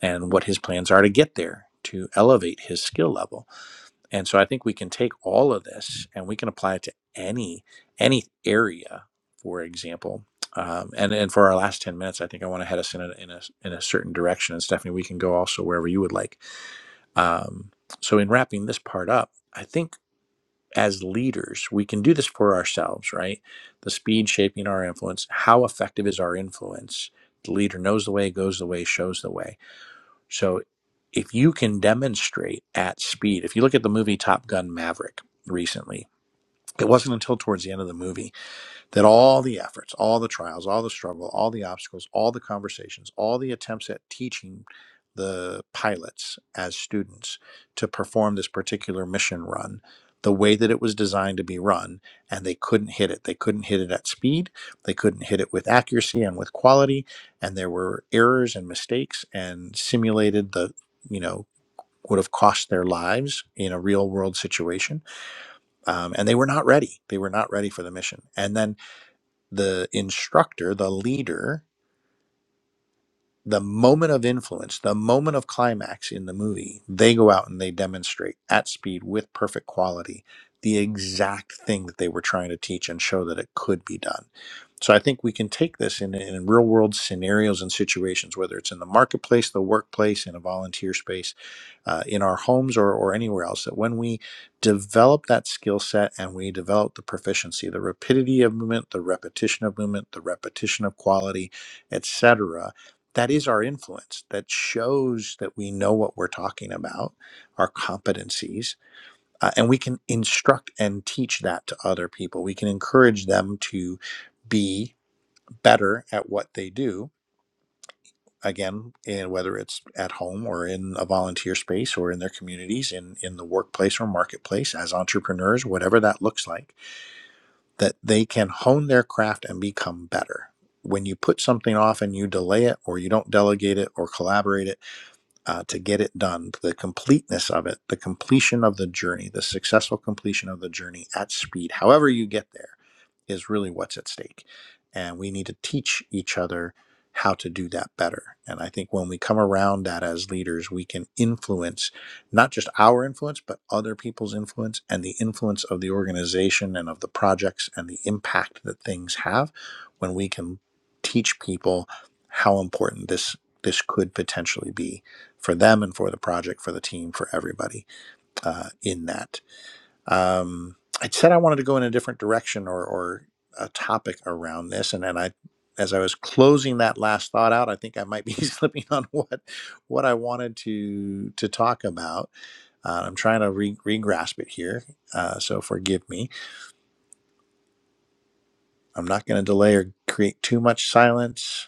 [SPEAKER 1] and what his plans are to get there to elevate his skill level and so I think we can take all of this and we can apply it to any any area, for example. Um, and and for our last ten minutes, I think I want to head us in a, in a in a certain direction. And Stephanie, we can go also wherever you would like. Um, so in wrapping this part up, I think as leaders we can do this for ourselves, right? The speed shaping our influence. How effective is our influence? The leader knows the way, goes the way, shows the way so if you can demonstrate at speed, if you look at the movie Top Gun Maverick recently, it wasn't until towards the end of the movie that all the efforts, all the trials, all the struggle, all the obstacles, all the conversations, all the attempts at teaching the pilots as students to perform this particular mission run the way that it was designed to be run, and they couldn't hit it. They couldn't hit it at speed, they couldn't hit it with accuracy and with quality, and there were errors and mistakes and simulated the, you know, would have cost their lives in a real world situation. Um, and they were not ready. They were not ready for the mission. And then the instructor, the leader, the moment of influence, the moment of climax in the movie, they go out and they demonstrate at speed with perfect quality the exact thing that they were trying to teach and show that it could be done. So I think we can take this in, in real world scenarios and situations, whether it's in the marketplace, the workplace, in a volunteer space, uh, in our homes, or, or anywhere else, that when we develop that skill set and we develop the proficiency, the rapidity of movement, the repetition of movement, the repetition of quality, etc that is our influence that shows that we know what we're talking about our competencies uh, and we can instruct and teach that to other people we can encourage them to be better at what they do again and whether it's at home or in a volunteer space or in their communities in in the workplace or marketplace as entrepreneurs whatever that looks like that they can hone their craft and become better when you put something off and you delay it or you don't delegate it or collaborate it uh, to get it done, the completeness of it, the completion of the journey, the successful completion of the journey at speed, however you get there, is really what's at stake. And we need to teach each other how to do that better. And I think when we come around that as leaders, we can influence not just our influence, but other people's influence and the influence of the organization and of the projects and the impact that things have when we can teach people how important this this could potentially be for them and for the project, for the team, for everybody uh, in that. Um, I said I wanted to go in a different direction or, or a topic around this, and then I, as I was closing that last thought out, I think I might be slipping on what what I wanted to to talk about. Uh, I'm trying to re, re-grasp it here, uh, so forgive me. I'm not going to delay or create too much silence.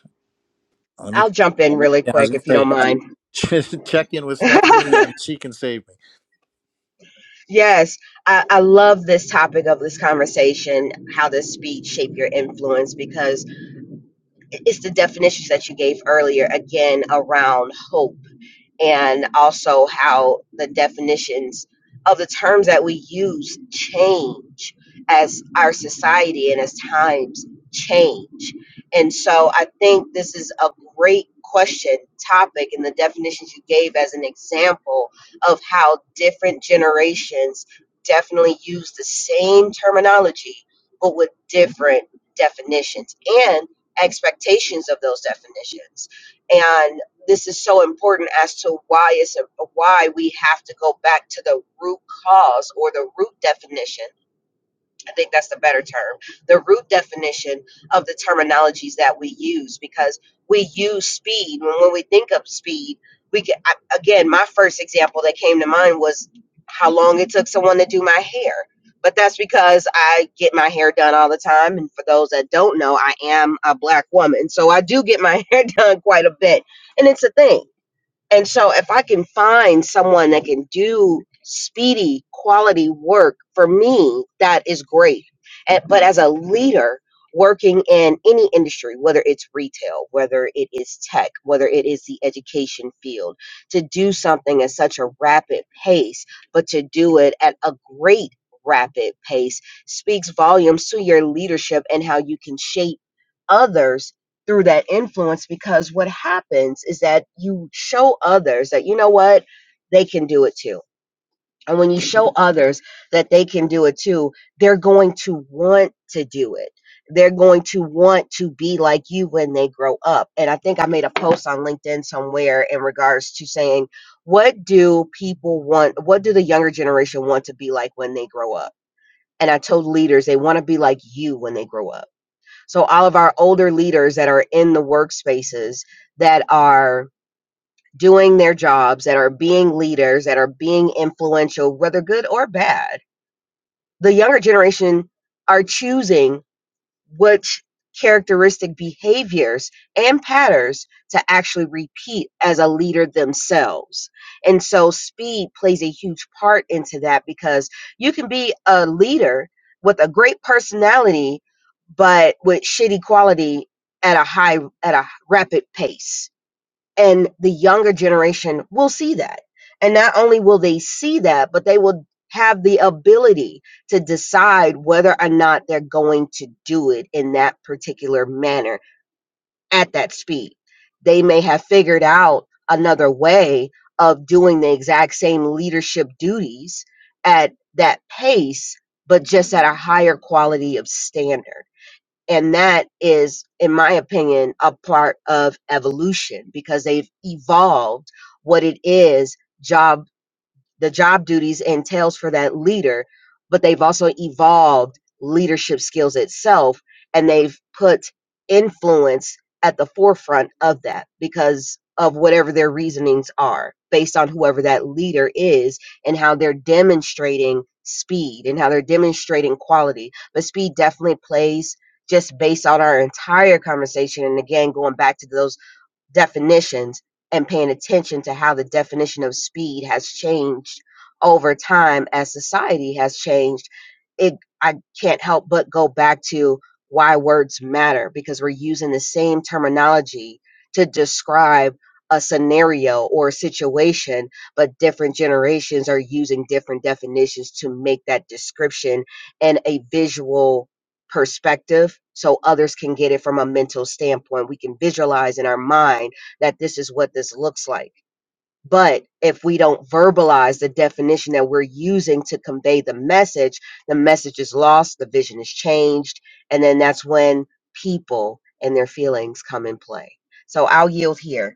[SPEAKER 1] Let me.
[SPEAKER 2] I'll jump in really
[SPEAKER 1] Yeah, I was
[SPEAKER 2] quick
[SPEAKER 1] going
[SPEAKER 2] if you
[SPEAKER 1] to
[SPEAKER 2] don't mind.
[SPEAKER 1] say, check in with Stephanie, and she can save me.
[SPEAKER 2] yes, I, I love this topic of this conversation how does speech shape your influence? Because it's the definitions that you gave earlier, again, around hope. and also how the definitions of the terms that we use change as our society and as times change. And so I think this is a great question topic and the definitions you gave as an example of how different generations definitely use the same terminology but with different definitions and expectations of those definitions and this is so important as to why it's why we have to go back to the root cause or the root definition. I think that's the better term, the root definition of the terminologies that we use because we use speed when, when we think of speed. We can, I, again, my first example that came to mind was how long it took someone to do my hair. But that's because I get my hair done all the time. And for those that don't know, I am a black woman. So I do get my hair done quite a bit. And it's a thing and so if I can find someone that can do speedy quality work for me, that is great. And, but as a leader working in any industry, whether it's retail, whether it is tech, whether it is the education field, to do something at such a rapid pace, but to do it at a great rapid pace speaks volumes to your leadership and how you can shape others through that influence because what happens is that you show others that you know what they can do it too and when you show others that they can do it too they're going to want to do it they're going to want to be like you when they grow up and i think i made a post on linkedin somewhere in regards to saying what do people want what do the younger generation want to be like when they grow up and i told leaders they want to be like you when they grow up so all of our older leaders that are in the workspaces that are doing their jobs, that are being leaders, that are being influential, whether good or bad, the younger generation are choosing which characteristic behaviors and patterns to actually repeat as a leader themselves. And so speed plays a huge part into that because you can be a leader with a great personality but with shitty quality at a high at a rapid pace and the younger generation will see that and not only will they see that but they will have the ability to decide whether or not they're going to do it in that particular manner at that speed they may have figured out another way of doing the exact same leadership duties at that pace but just at a higher quality of standard and that is, in my opinion, a part of evolution because they've evolved what it is job the job duties entails for that leader, but they've also evolved leadership skills itself and they've put influence at the forefront of that because of whatever their reasonings are based on whoever that leader is and how they're demonstrating speed and how they're demonstrating quality. But speed definitely plays just based on our entire conversation and again going back to those definitions and paying attention to how the definition of speed has changed over time as society has changed it i can't help but go back to why words matter because we're using the same terminology to describe a scenario or a situation but different generations are using different definitions to make that description and a visual perspective so others can get it from a mental standpoint. We can visualize in our mind that this is what this looks like. But if we don't verbalize the definition that we're using to convey the message, the message is lost, the vision is changed, and then that's when people and their feelings come in play. So I'll yield here.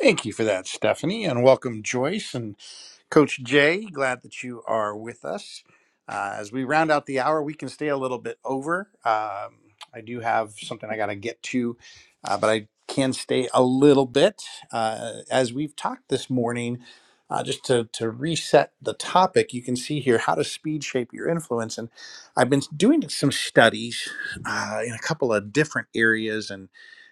[SPEAKER 1] Thank you for that, Stephanie, and welcome, Joyce and Coach Jay. Glad that you are with us. Uh, as we round out the hour, we can stay a little bit over. Um, I do have something I got to get to, uh, but I can stay a little bit. Uh, as we've talked this morning, uh, just to, to reset the topic, you can see here how to speed shape your influence. And I've been doing some studies uh, in a couple of different areas and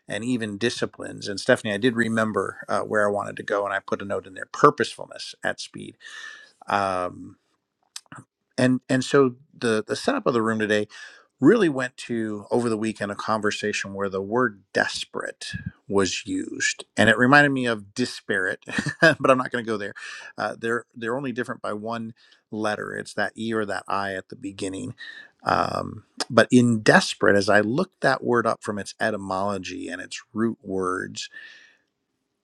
[SPEAKER 1] and even disciplines. And Stephanie, I did remember uh, where I wanted to go, and I put a note in there: purposefulness at speed. Um, and and so the the setup of the room today really went to over the weekend a conversation where the word desperate was used, and it reminded me of disparate, but I'm not going to go there. Uh, they're they're only different by one letter. It's that e or that i at the beginning. Um, but in desperate, as I looked that word up from its etymology and its root words,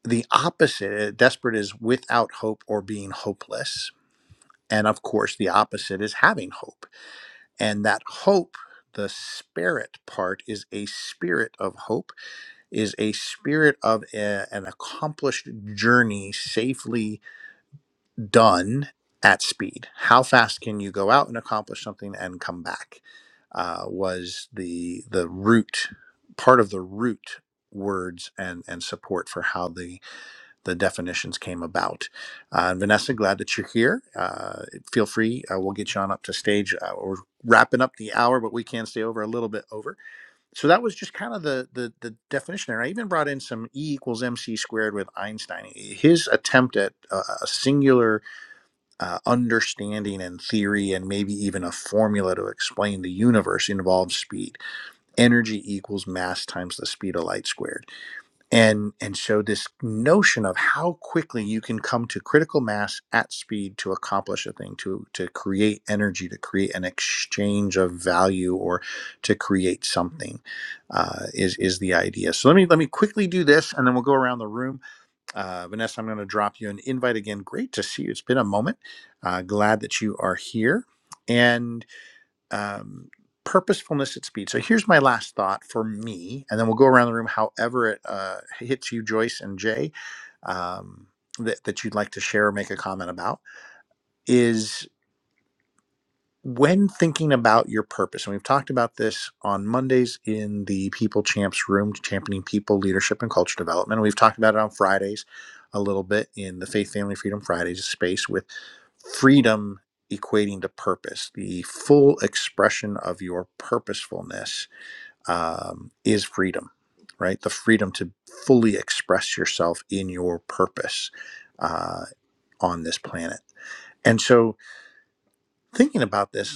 [SPEAKER 1] the opposite eh, desperate is without hope or being hopeless and of course the opposite is having hope and that hope the spirit part is a spirit of hope is a spirit of a- an accomplished journey safely done at speed how fast can you go out and accomplish something and come back uh, was the the root part of the root words and and support for how the the definitions came about. Uh, Vanessa, glad that you're here. Uh, feel free, uh, we'll get you on up to stage. Uh, we're wrapping up the hour, but we can stay over a little bit over. So that was just kind of the the, the definition there. I even brought in some E equals mc squared with Einstein. His attempt at uh, a singular uh, understanding and theory, and maybe even a formula to explain the universe, involves speed. Energy equals mass times the speed of light squared and and so this notion of how quickly you can come to critical mass at speed to accomplish a thing to to create energy to create an exchange of value or to create something uh, is is the idea so let me let me quickly do this and then we'll go around the room uh, vanessa i'm going to drop you an invite again great to see you it's been a moment uh, glad that you are here and um, purposefulness at speed. So here's my last thought for me, and then we'll go around the room however it uh, hits you, Joyce and Jay, um, that, that you'd like to share or make a comment about is when thinking about your purpose, and we've talked about this on Mondays in the People Champs room, championing people, leadership, and culture development. And we've talked about it on Fridays a little bit in the Faith, Family, Freedom Fridays space with freedom equating to purpose. The full expression of your purposefulness um, is freedom, right? The freedom to fully express yourself in your purpose uh, on this planet. And so, thinking about this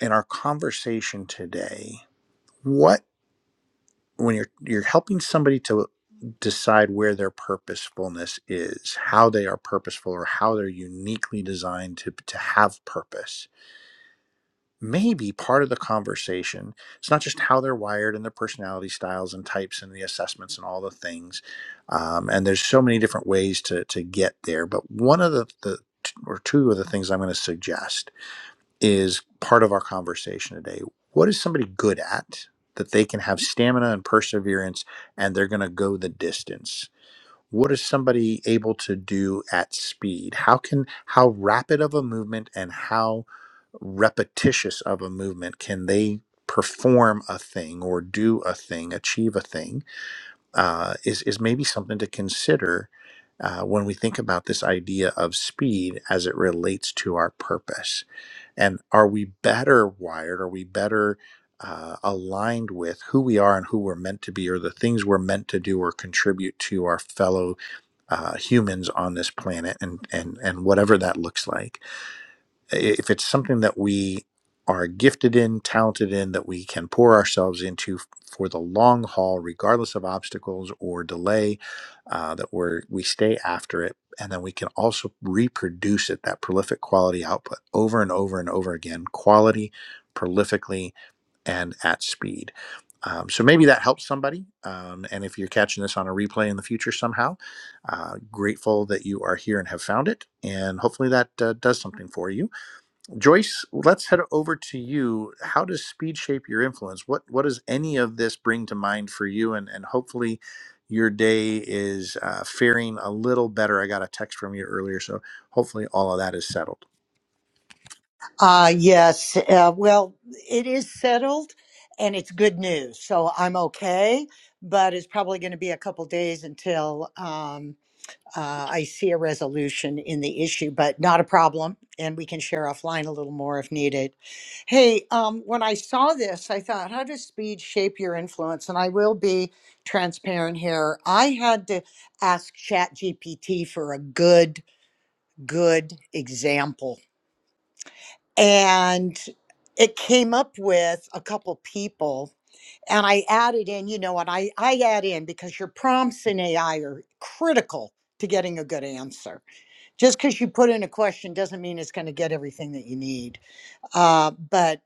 [SPEAKER 1] in our conversation today, what when you're you're helping somebody to decide where their purposefulness is, how they are purposeful or how they're uniquely designed to to have purpose. Maybe part of the conversation, it's not just how they're wired and their personality styles and types and the assessments and all the things. Um, and there's so many different ways to to get there. But one of the, the or two of the things I'm going to suggest is part of our conversation today. What is somebody good at that they can have stamina and perseverance and they're going to go the distance? What is somebody able to do at speed? How can how rapid of a movement and how repetitious of a movement can they perform a thing or do a thing, achieve a thing? Uh, is is maybe something to consider uh, when we think about this idea of speed as it relates to our purpose and are we better wired are we better uh, aligned with who we are and who we're meant to be or the things we're meant to do or contribute to our fellow uh, humans on this planet and and and whatever that looks like if it's something that we are gifted in, talented in, that we can pour ourselves into for the long haul, regardless of obstacles or delay, uh, that we're we stay after it, and then we can also reproduce it that prolific quality output over and over and over again, quality, prolifically, and at speed. Um, so maybe that helps somebody. Um, and if you're catching this on a replay in the future somehow, uh, grateful that you are here and have found it, and hopefully that uh, does something for you. Joyce, let's head over to you. How does speed shape your influence? What what does any of this bring to mind for you? And and hopefully, your day is uh, faring a little better. I got a text from you earlier, so hopefully all of that is settled.
[SPEAKER 4] Uh, yes. Uh, well, it is settled and it's good news. So I'm okay, but it's probably going to be a couple days until um, uh, I see a resolution in the issue, but not a problem. And we can share offline a little more if needed. Hey, um, when I saw this, I thought, how does speed shape your influence? And I will be transparent here. I had to ask ChatGPT for a good, good example and it came up with a couple people and i added in you know what i i add in because your prompts in ai are critical to getting a good answer just because you put in a question doesn't mean it's going to get everything that you need uh, but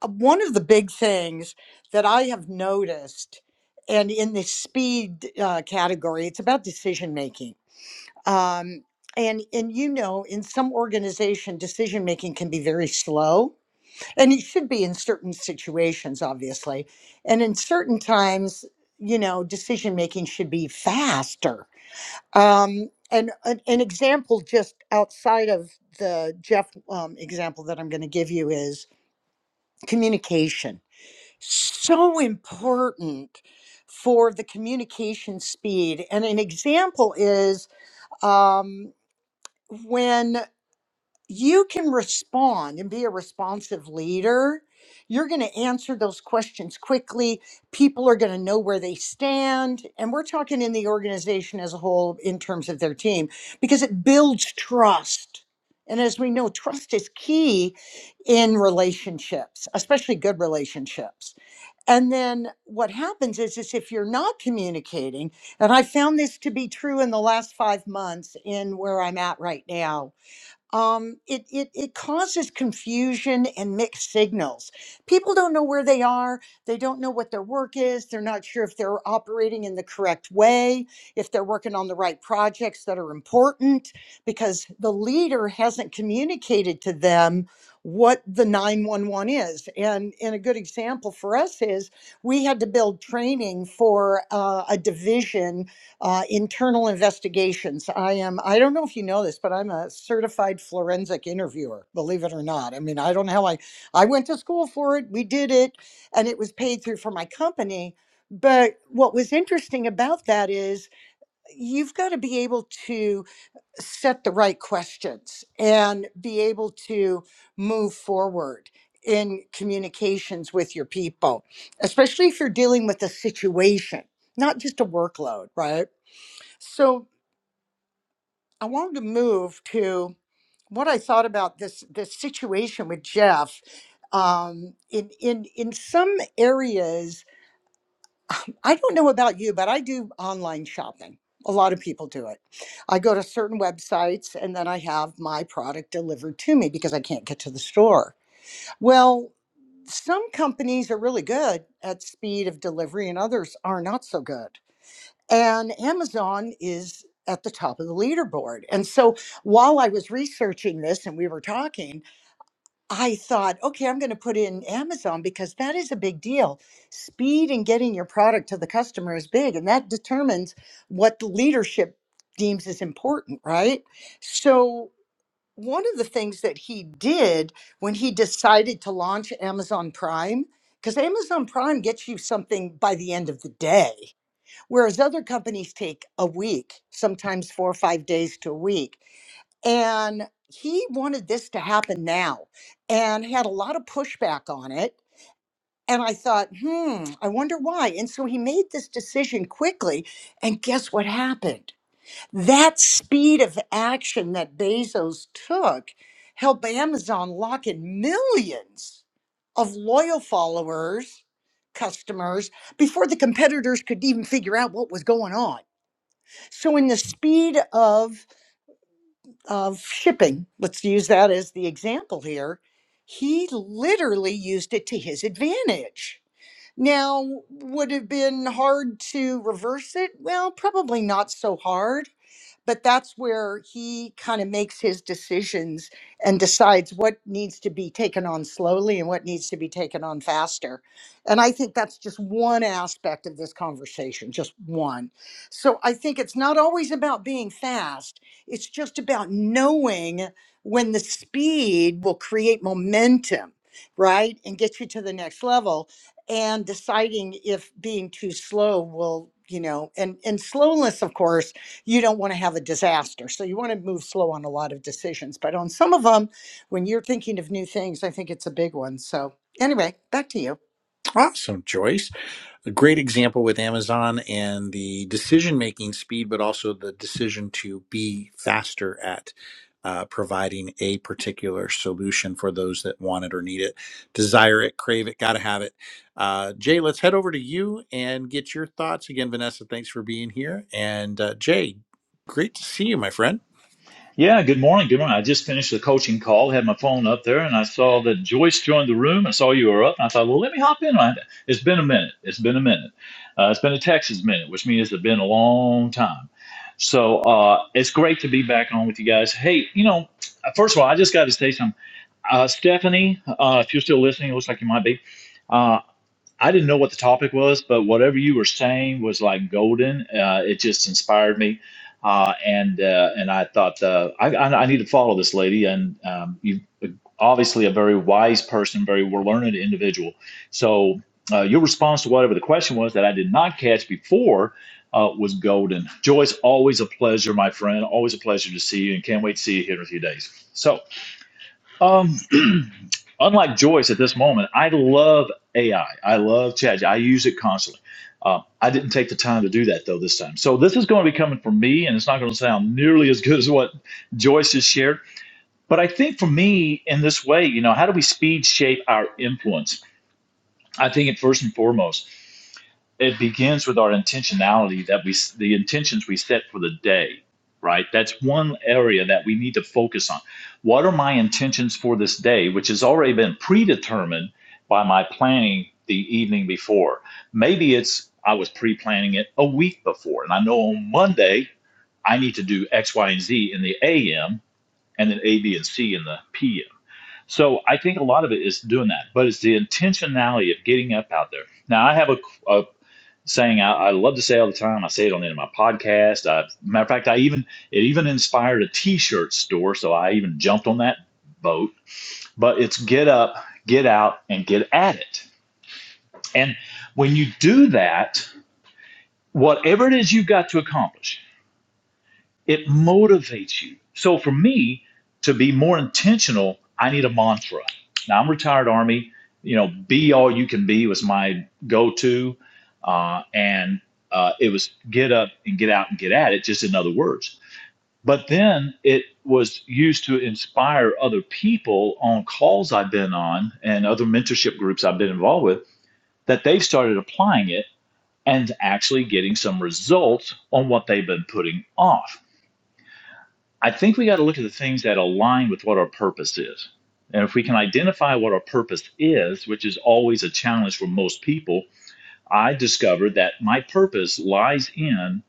[SPEAKER 4] uh, one of the big things that i have noticed and in the speed uh, category it's about decision making um, and and you know in some organization decision making can be very slow and it should be in certain situations obviously and in certain times you know decision making should be faster um and an, an example just outside of the jeff um, example that i'm going to give you is communication so important for the communication speed and an example is um, when you can respond and be a responsive leader. You're going to answer those questions quickly. People are going to know where they stand. And we're talking in the organization as a whole in terms of their team because it builds trust. And as we know, trust is key in relationships, especially good relationships. And then what happens is, is if you're not communicating, and I found this to be true in the last five months in where I'm at right now, um, it, it, it causes confusion and mixed signals. People don't know where they are. They don't know what their work is. They're not sure if they're operating in the correct way, if they're working on the right projects that are important, because the leader hasn't communicated to them what the 911 is. And, and a good example for us is we had to build training for uh, a division uh, internal investigations. I am, I don't know if you know this, but I'm a certified forensic interviewer, believe it or not. I mean, I don't know how I, I went to school for it, we did it, and it was paid through for my company. But what was interesting about that is you've got to be able to set the right questions and be able to move forward in communications with your people, especially if you're dealing with a situation, not just a workload, right? So I wanted to move to what I thought about this this situation with Jeff. Um, in in in some areas, um, I don't know about you, but I do online shopping. A lot of people do it. I go to certain websites and then I have my product delivered to me because I can't get to the store. Well, some companies are really good at speed of delivery and others are not so good. and Amazon is at the top of the leaderboard. And so while I was researching this and we were talking, I thought, okay, I'm going to put in Amazon because that is a big deal. Speed in getting your product to the customer is big, and that determines what the leadership deems is important, right? So one of the things that he did when he decided to launch Amazon Prime, because Amazon Prime gets you something by the end of the day Whereas other companies take a week, sometimes four or five days to a week. And he wanted this to happen now and had a lot of pushback on it. And I thought, hmm, I wonder why. And so he made this decision quickly. And guess what happened? That speed of action that Bezos took helped Amazon lock in millions of loyal followers, customers, before the competitors could even figure out what was going on. So, in the speed of of shipping, let's use that as the example here. He literally used it to his advantage. Now, would it have been hard to reverse it? Well, probably not so hard but that's where he kind of makes his decisions and decides what needs to be taken on slowly and what needs to be taken on faster. And I think that's just one aspect of this conversation, just one. So I think it's not always about being fast, it's just about knowing when the speed will create momentum, right? And get you to the next level and deciding if being too slow will you know and and slowness of course you don't want to have a disaster. So you want to move slow on a lot of decisions. But on some of them, when you're thinking of new things, I think it's a big one. So anyway, back to you.
[SPEAKER 1] Awesome, Joyce. a great example with Amazon and the decision making speed, but also the decision to be faster at uh, providing a particular solution for those that want it or need it, desire it, crave it, got to have it. Uh, Jay, let's head over to you and get your thoughts. Again, Vanessa, thanks for being here. And uh, Jay, great to see you, my friend.
[SPEAKER 5] Yeah, good morning. Good morning. I just finished the coaching call, had my phone up there, and I saw that Joyce joined the room. I saw you were up, and I thought, well, let me hop in. I- It's been a minute. It's been a minute. Uh, it's been a Texas minute, which means it's been a long time. So uh, it's great to be back on with you guys. Hey, you know, first of all, I just got to say something. Uh, Stephanie, uh, if you're still listening, it looks like you might be. uh, I didn't know what the topic was, but whatever you were saying was like golden. Uh, it just inspired me, uh, and uh, and I thought uh, I, I I need to follow this lady, and um, you obviously a very wise person, very learned individual. So uh, your response to whatever the question was that I did not catch before uh, was golden. Joyce, always a pleasure, my friend. Always a pleasure to see you, and can't wait to see you here in a few days. So. Um, unlike Joyce at this moment, I love AI. I I love chat. I use it constantly. Uh, I didn't take the time to do that though this time. So this is going to be coming from me, and it's not going to sound nearly as good as what Joyce has shared. But I think for me, in this way, you know, how do we speed shape our influence? I think it first and foremost it begins with our intentionality that we the intentions we set for the day right that's one area that we need to focus on what are my intentions for this day which has already been predetermined by my planning the evening before maybe it's i was pre-planning it a week before and i know on monday i need to do x y and z in the am and then a b and c in the pm so i think a lot of it is doing that but it's the intentionality of getting up out there now i have a, a saying I, I love to say all the time. I say it on the end of my podcast. I, matter of fact, I even it even inspired a T-shirt store, so I even jumped on that boat. But it's get up, get out, and get at it. And when you do that, whatever it is you've got to accomplish, It motivates you. So for me, to be more intentional, I need a mantra. Now I'm retired Army. You know, be all you can be was my go-to, uh, and uh, it was get up and get out and get at it, just in other words. But then it was used to inspire other people on calls I've been on and other mentorship groups I've been involved with that they've started applying it and actually getting some results on what they've been putting off. I think we got to look at the things that align with what our purpose is. And if we can identify what our purpose is, which is always a challenge for most people, I discovered that my purpose lies in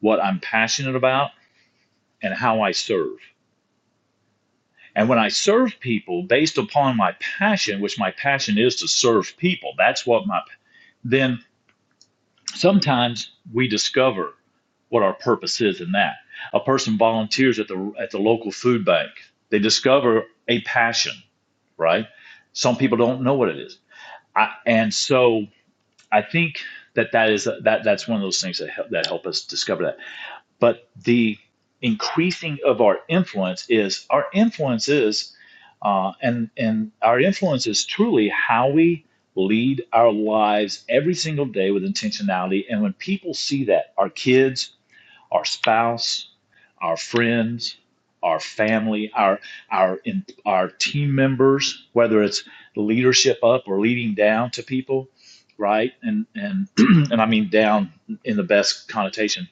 [SPEAKER 5] what I'm passionate about and how I serve. And when I serve people based upon my passion, which my passion is to serve people, that's what my, then sometimes we discover what our purpose is in that. A person volunteers at the, at the local food bank, they discover a passion right? Some people don't know what it is, I, and so I think that that is that that's one of those things that help, that help us discover that. But the increasing of our influence is our influence is, uh, and and our influence is truly how we lead our lives every single day with intentionality. And when people see that, our kids, our spouse our friends, our family, our our in, our team members, whether it's leadership up or leading down to people, right? And and and I mean down in the best connotation.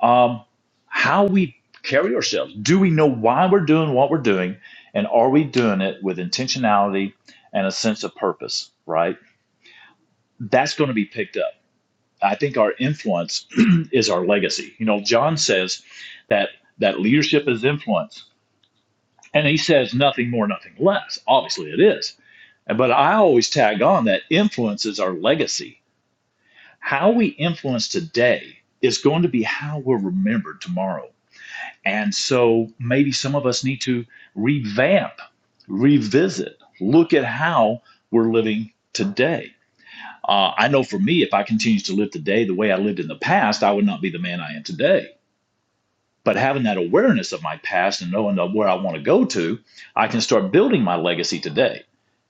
[SPEAKER 5] Um, how we carry ourselves. Do we know why we're doing what we're doing, and are we doing it with intentionality and a sense of purpose? Right? That's going to be picked up. I think our influence is our legacy. You know, John says that that leadership is influence and he says nothing more, nothing less. Obviously, it is. But I always tag on that influence is our legacy. How we influence today is going to be how we're remembered tomorrow. And so maybe some of us need to revamp, revisit, look at how we're living today. Uh, I know for me, if I continued to live today the way I lived in the past, I would not be the man I am today but having that awareness of my past and knowing where I want to go to, I can start building my legacy today.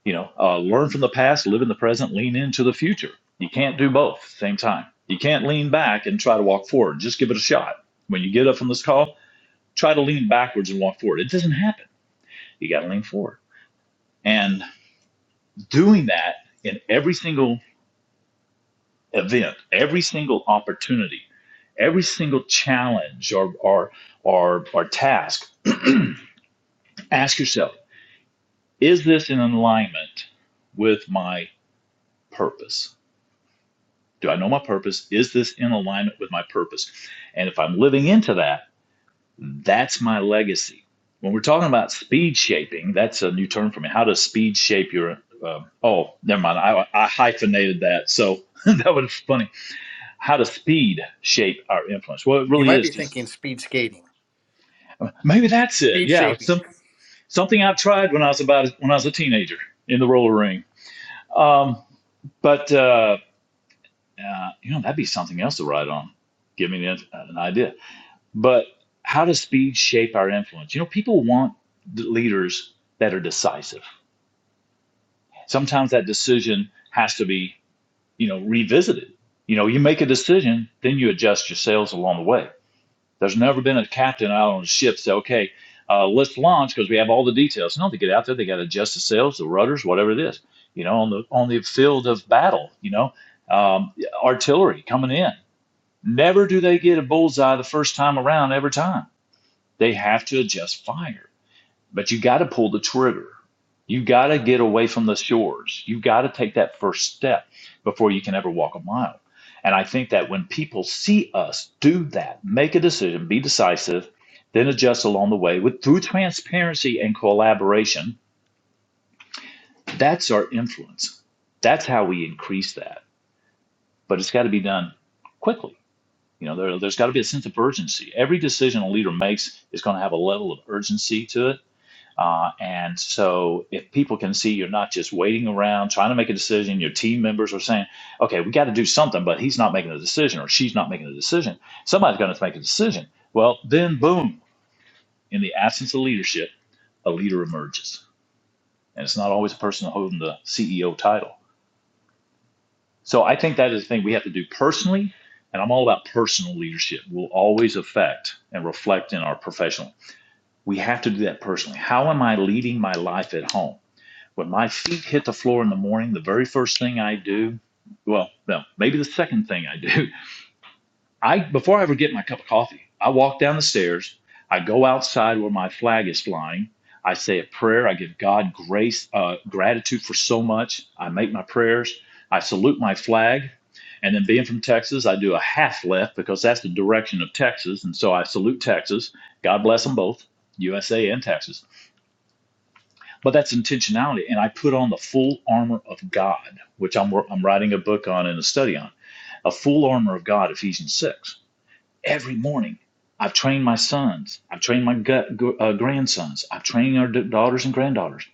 [SPEAKER 5] You know, uh, learn from the past, live in the present, lean into the future. You can't do both at the same time. You can't lean back and try to walk forward. Just give it a shot. When you get up from this call, try to lean backwards and walk forward. It doesn't happen. You got to lean forward. And doing that in every single event, every single opportunity, every single challenge or or or, or task, ask yourself Is this in alignment with my purpose? Do I know my purpose? Is this in alignment with my purpose? And if I'm living into that, that's my legacy. When we're talking about speed shaping, that's a new term for me. How does speed shape your? Uh, oh, never mind. I, I hyphenated that, so that was funny. How does speed shape our influence? Well, it
[SPEAKER 1] You
[SPEAKER 5] really
[SPEAKER 1] might
[SPEAKER 5] is
[SPEAKER 1] be
[SPEAKER 5] just
[SPEAKER 1] thinking speed skating,
[SPEAKER 5] maybe that's it.
[SPEAKER 1] speed
[SPEAKER 5] Yeah,
[SPEAKER 1] shaping.
[SPEAKER 5] some, something I tried when I was about when I was a teenager in the roller ring. Um, but uh, Uh, you know, that'd be something else to write on. Give me an, an idea. But how does speed shape our influence? You know, people want leaders that are decisive. Sometimes that decision has to be, you know, revisited. You know, you make a decision, then you adjust your sails along the way. There's never been a captain out on a ship say, okay, uh, let's launch because we have all the details. No, they get out there, they got to adjust the sails, the rudders, whatever it is. You know, on the on the field of battle, you know, um, artillery coming in. Never do they get a bullseye the first time around every time. They have to adjust fire. But you got to pull the trigger. You got to get away from the shores. You got to take that first step before you can ever walk a mile. And I think that when people see us do that, make a decision, be decisive, then adjust along the way with through transparency and collaboration, that's our influence. That's how we increase that. But it's got to be done quickly You know, there, there's got to be a sense of urgency. Every decision a leader makes is going to have a level of urgency to it. Uh, and so, if people can see you're not just waiting around trying to make a decision, your team members are saying, okay, we got to do something, but he's not making a decision or she's not making a decision. Somebody's going to make a decision. Well, then, boom, in the absence of leadership, a leader emerges. And it's not always a person holding the CEO title So I think that is the thing we have to do personally. And I'm all about personal leadership. Will always affect and reflect in our professional. We have to do that personally. How am I leading my life at home? When my feet hit the floor in the morning, the very first thing I do, well, no, maybe the second thing I do I before I ever get my cup of coffee, I walk down the stairs, I go outside where my flag is flying, I say a prayer, I give God grace, uh, gratitude for so much. I make my prayers, I salute my flag, and then being from Texas, I do a half left because that's the direction of Texas, and so I salute Texas. God bless them both, USA and Texas. But that's intentionality, and I put on the full armor of God, which I'm wor- I'm writing a book on and a study on, a full armor of God, Ephesians six every morning. I've trained my sons. I've trained my gut, uh, grandsons. I've trained our d- daughters and granddaughters.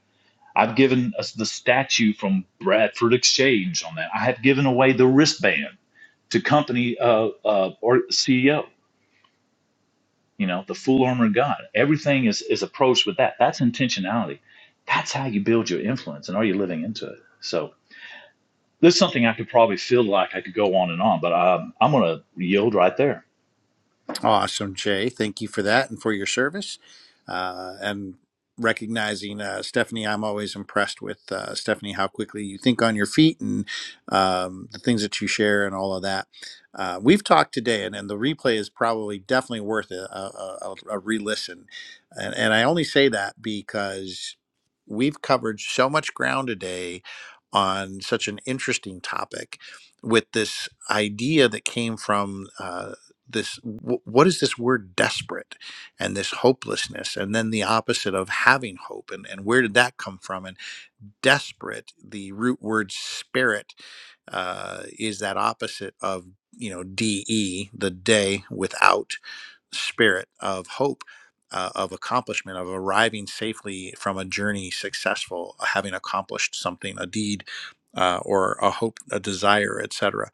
[SPEAKER 5] I've given us the statue from Bradford Exchange on that. I have given away the wristband to company uh, uh, or CEO. You know, the full armor of God. Everything is is approached with that. That's intentionality. That's how you build your influence, and are you living into it? So this is something I could probably feel like I could go on and on, but um, I'm going to yield right there.
[SPEAKER 1] Awesome, Jay. Thank you for that and for your service. Uh, and recognizing uh, Stephanie, I'm always impressed with uh, Stephanie how quickly you think on your feet and um, the things that you share and all of that. Uh, we've talked today, and, and the replay is probably definitely worth a, a, a, a re listen. And, and I only say that because we've covered so much ground today on such an interesting topic with this idea that came from. uh, this w- what is this word desperate and this hopelessness and then the opposite of having hope and, and where did that come from and desperate the root word spirit uh, is that opposite of you know de the day without spirit of hope uh, of accomplishment of arriving safely from a journey successful having accomplished something a deed uh, or a hope a desire etc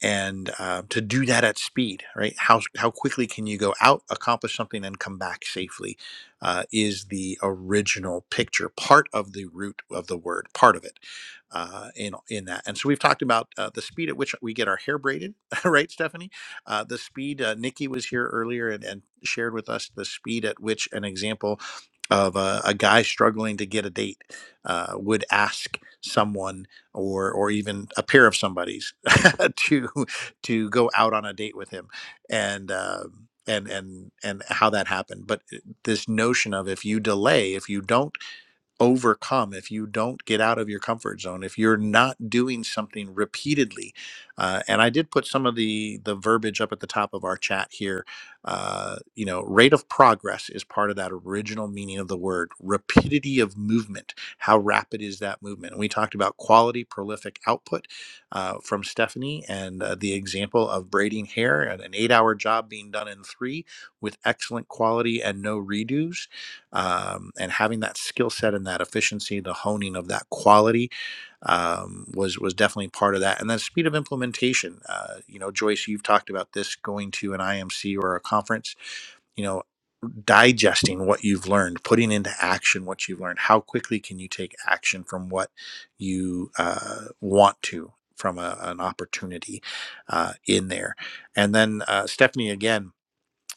[SPEAKER 1] and uh, to do that at speed, right? How how quickly can you go out, accomplish something, and come back safely? Uh, is the original picture part of the root of the word, part of it uh, in in that. And so we've talked about uh, the speed at which we get our hair braided, right, Stephanie? Uh, the speed. Uh, Nikki was here earlier and, and shared with us the speed at which an example of a, a guy struggling to get a date uh, would ask someone or or even a pair of somebody's to to go out on a date with him, and um and and and how that happened. But uh, this notion of if you delay, if you don't overcome if you don't get out of your comfort zone if you're not doing something repeatedly uh, and i did put some of the the verbiage up at the top of our chat here uh, you know rate of progress is part of that original meaning of the word rapidity of movement how rapid is that movement and we talked about quality prolific output uh, from stephanie and uh, the example of braiding hair and an eight hour job being done in three with excellent quality and no redos um, and having that skill set and that efficiency, the honing of that quality um, was was definitely part of that. And then speed of implementation. Uh, you know, Joyce, you've talked about this going to an IMC or a conference. You know, digesting what you've learned, putting into action what you've learned. How quickly can you take action from what you uh, want to? From a, an opportunity uh, in there. And then, uh, Stephanie, again,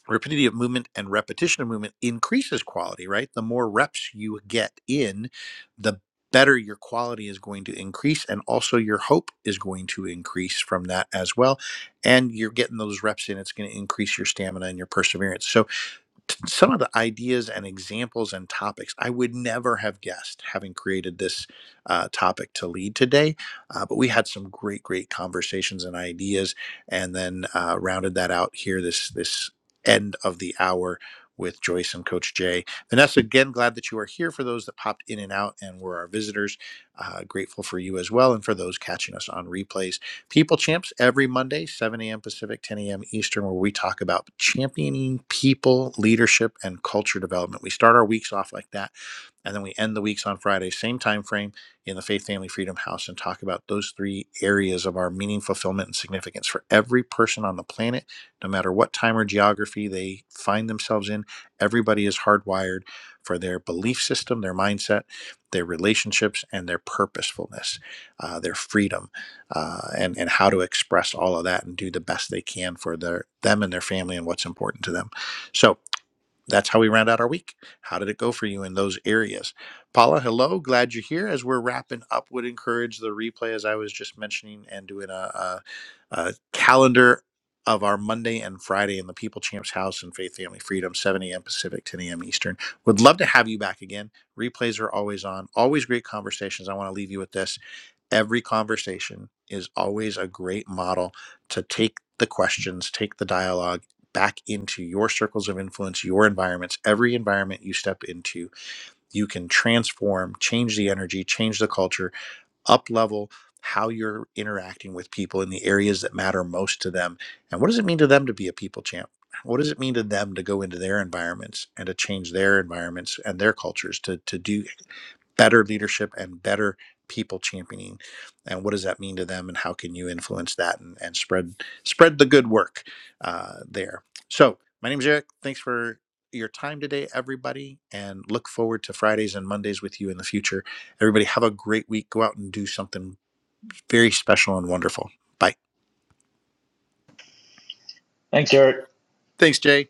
[SPEAKER 1] rapidity of movement and repetition of movement increases quality, right? The more reps you get in, the better your quality is going to increase. And also your hope is going to increase from that as well. And you're getting those reps in, it's going to increase your stamina and your perseverance. So t- some of the ideas and examples and topics I would never have guessed having created this uh, topic to lead today. Uh, but we had some great, great conversations and ideas, and then uh, rounded that out here this this end of the hour with Joyce and Coach Jay. Vanessa, again, glad that you are here. For those that popped in and out and were our visitors, uh, grateful for you as well, and for those catching us on replays. People Champs every Monday, 7 a.m. Pacific, 10 a.m. Eastern, where we talk about championing people, leadership, and culture development. We start our weeks off like that, and then we end the weeks on Friday, same time frame in the Faith Family Freedom House, and talk about those three areas of our meaning, fulfillment, and significance for every person on the planet, no matter what time or geography they find themselves in. Everybody is hardwired for their belief system, their mindset, their relationships, and their purposefulness, uh, their freedom uh, and and how to express all of that and do the best they can for their them and their family and what's important to them. So that's how we round out our week. How did it go for you in those areas? Paula, hello. Glad you're here. As we're wrapping up, would encourage the replay, as I was just mentioning, and doing a, a, a calendar of our Monday and Friday in the People Champs House and Faith Family Freedom, 7 a.m. Pacific, 10 a.m. Eastern. Would love to have you back again. Replays are always on, always great conversations. I want to leave you with this. Every conversation is always a great model to take the questions, take the dialogue back into your circles of influence, your environments, every environment you step into, you can transform, change the energy, change the culture, up level how you're interacting with people in the areas that matter most to them. And what does it mean to them to be a people champ? What does it mean to them to go into their environments and to change their environments and their cultures to, to do better leadership and better people championing? And what does that mean to them? And how can you influence that and, and spread spread the good work uh, there? So my name is Eric. Thanks for your time today, everybody, and look forward to Fridays and Mondays with you in the future Everybody, have a great week. Go out and do something very special and wonderful. Bye.
[SPEAKER 5] Thanks, Eric.
[SPEAKER 1] Thanks, Jay.